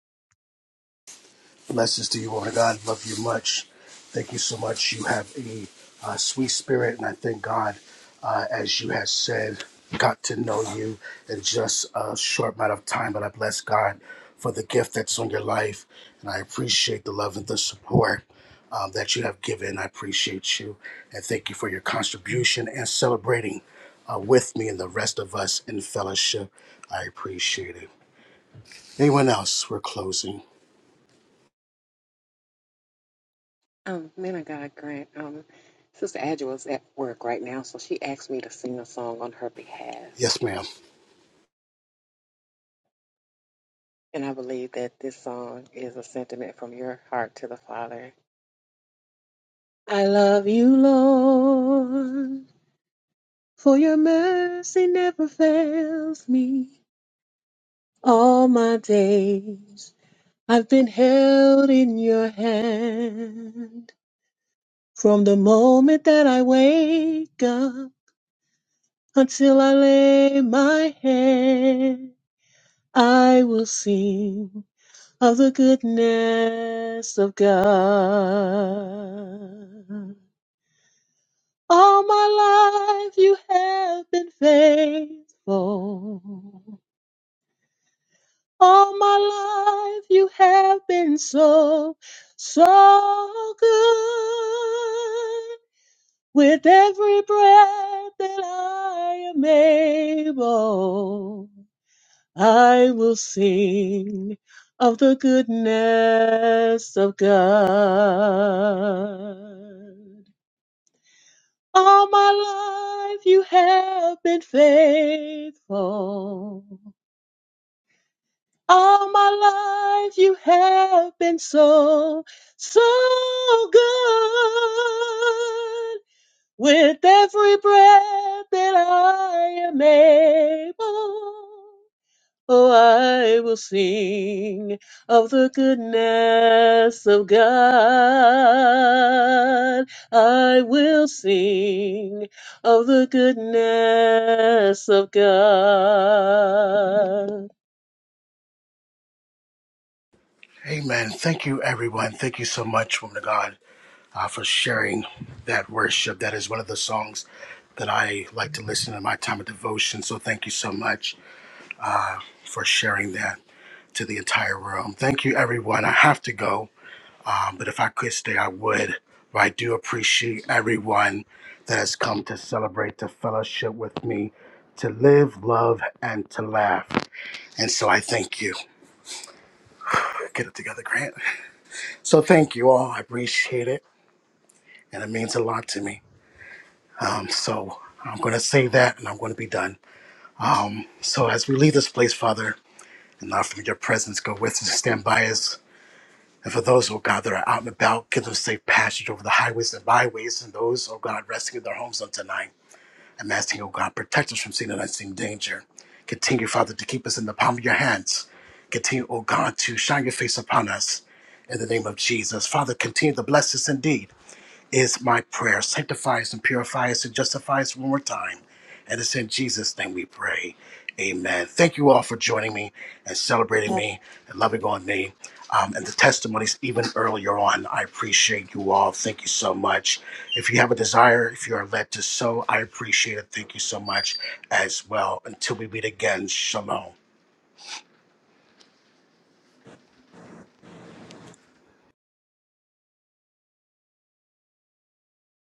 Blessings to you, woman of God. Love you much. Thank you so much. You have a uh, sweet spirit, and I thank God, uh, as you have said, got to know you in just a short amount of time. But I bless God for the gift that's on your life, and I appreciate the love and the support um, that you have given. I appreciate you, and thank you for your contribution and celebrating uh, with me and the rest of us in fellowship. I appreciate it. Anyone else? We're closing. Um, man of God, Grant. Um, Sister Angela's at work right now, so she asked me to sing a song on her behalf. Yes, ma'am. And I believe that this song is a sentiment from your heart to the Father. I love you, Lord, for your mercy never fails me. All my days I've been held in your hand. From the moment that I wake up until I lay my head. I will sing of the goodness of God. All my life you have been faithful. All my life you have been so, so good. With every breath that I am able. I will sing of the goodness of God. All my life you have been faithful. All my life you have been so, so good. With every breath that I am able. Oh, I will sing of the goodness of God. I will sing of the goodness of God. Amen. Thank you, everyone. Thank you so much, woman of God, uh, for sharing that worship. That is one of the songs that I like to listen to in my time of devotion. So thank you so much for sharing that to the entire room. Thank you, everyone. I have to go, um, but if I could stay, I would. But I do appreciate everyone that has come to celebrate to fellowship with me, to live, love, and to laugh. And so I thank you. Get it together, Grant. So thank you all. I appreciate it. and it means a lot to me. Um, so I'm going to say that, and I'm going to be done. So as we leave this place, Father, and now from your presence, go with us, and stand by us. And for those, oh God, that are out and about, give them safe passage over the highways and byways, and those, oh God, resting in their homes on tonight. I'm asking, oh God, protect us from seen and unseen danger. Continue, Father, to keep us in the palm of your hands. Continue, oh God, to shine your face upon us in the name of Jesus. Father, continue to bless us indeed. is my prayer. Sanctify us and purify us and justify us one more time. And it's in Jesus' name we pray. Amen. Thank you all for joining me and celebrating me and loving on me um, and the testimonies even earlier on. I appreciate you all. Thank you so much. If you have a desire, if you are led to sow, I appreciate it. Thank you so much as well. Until we meet again, shalom.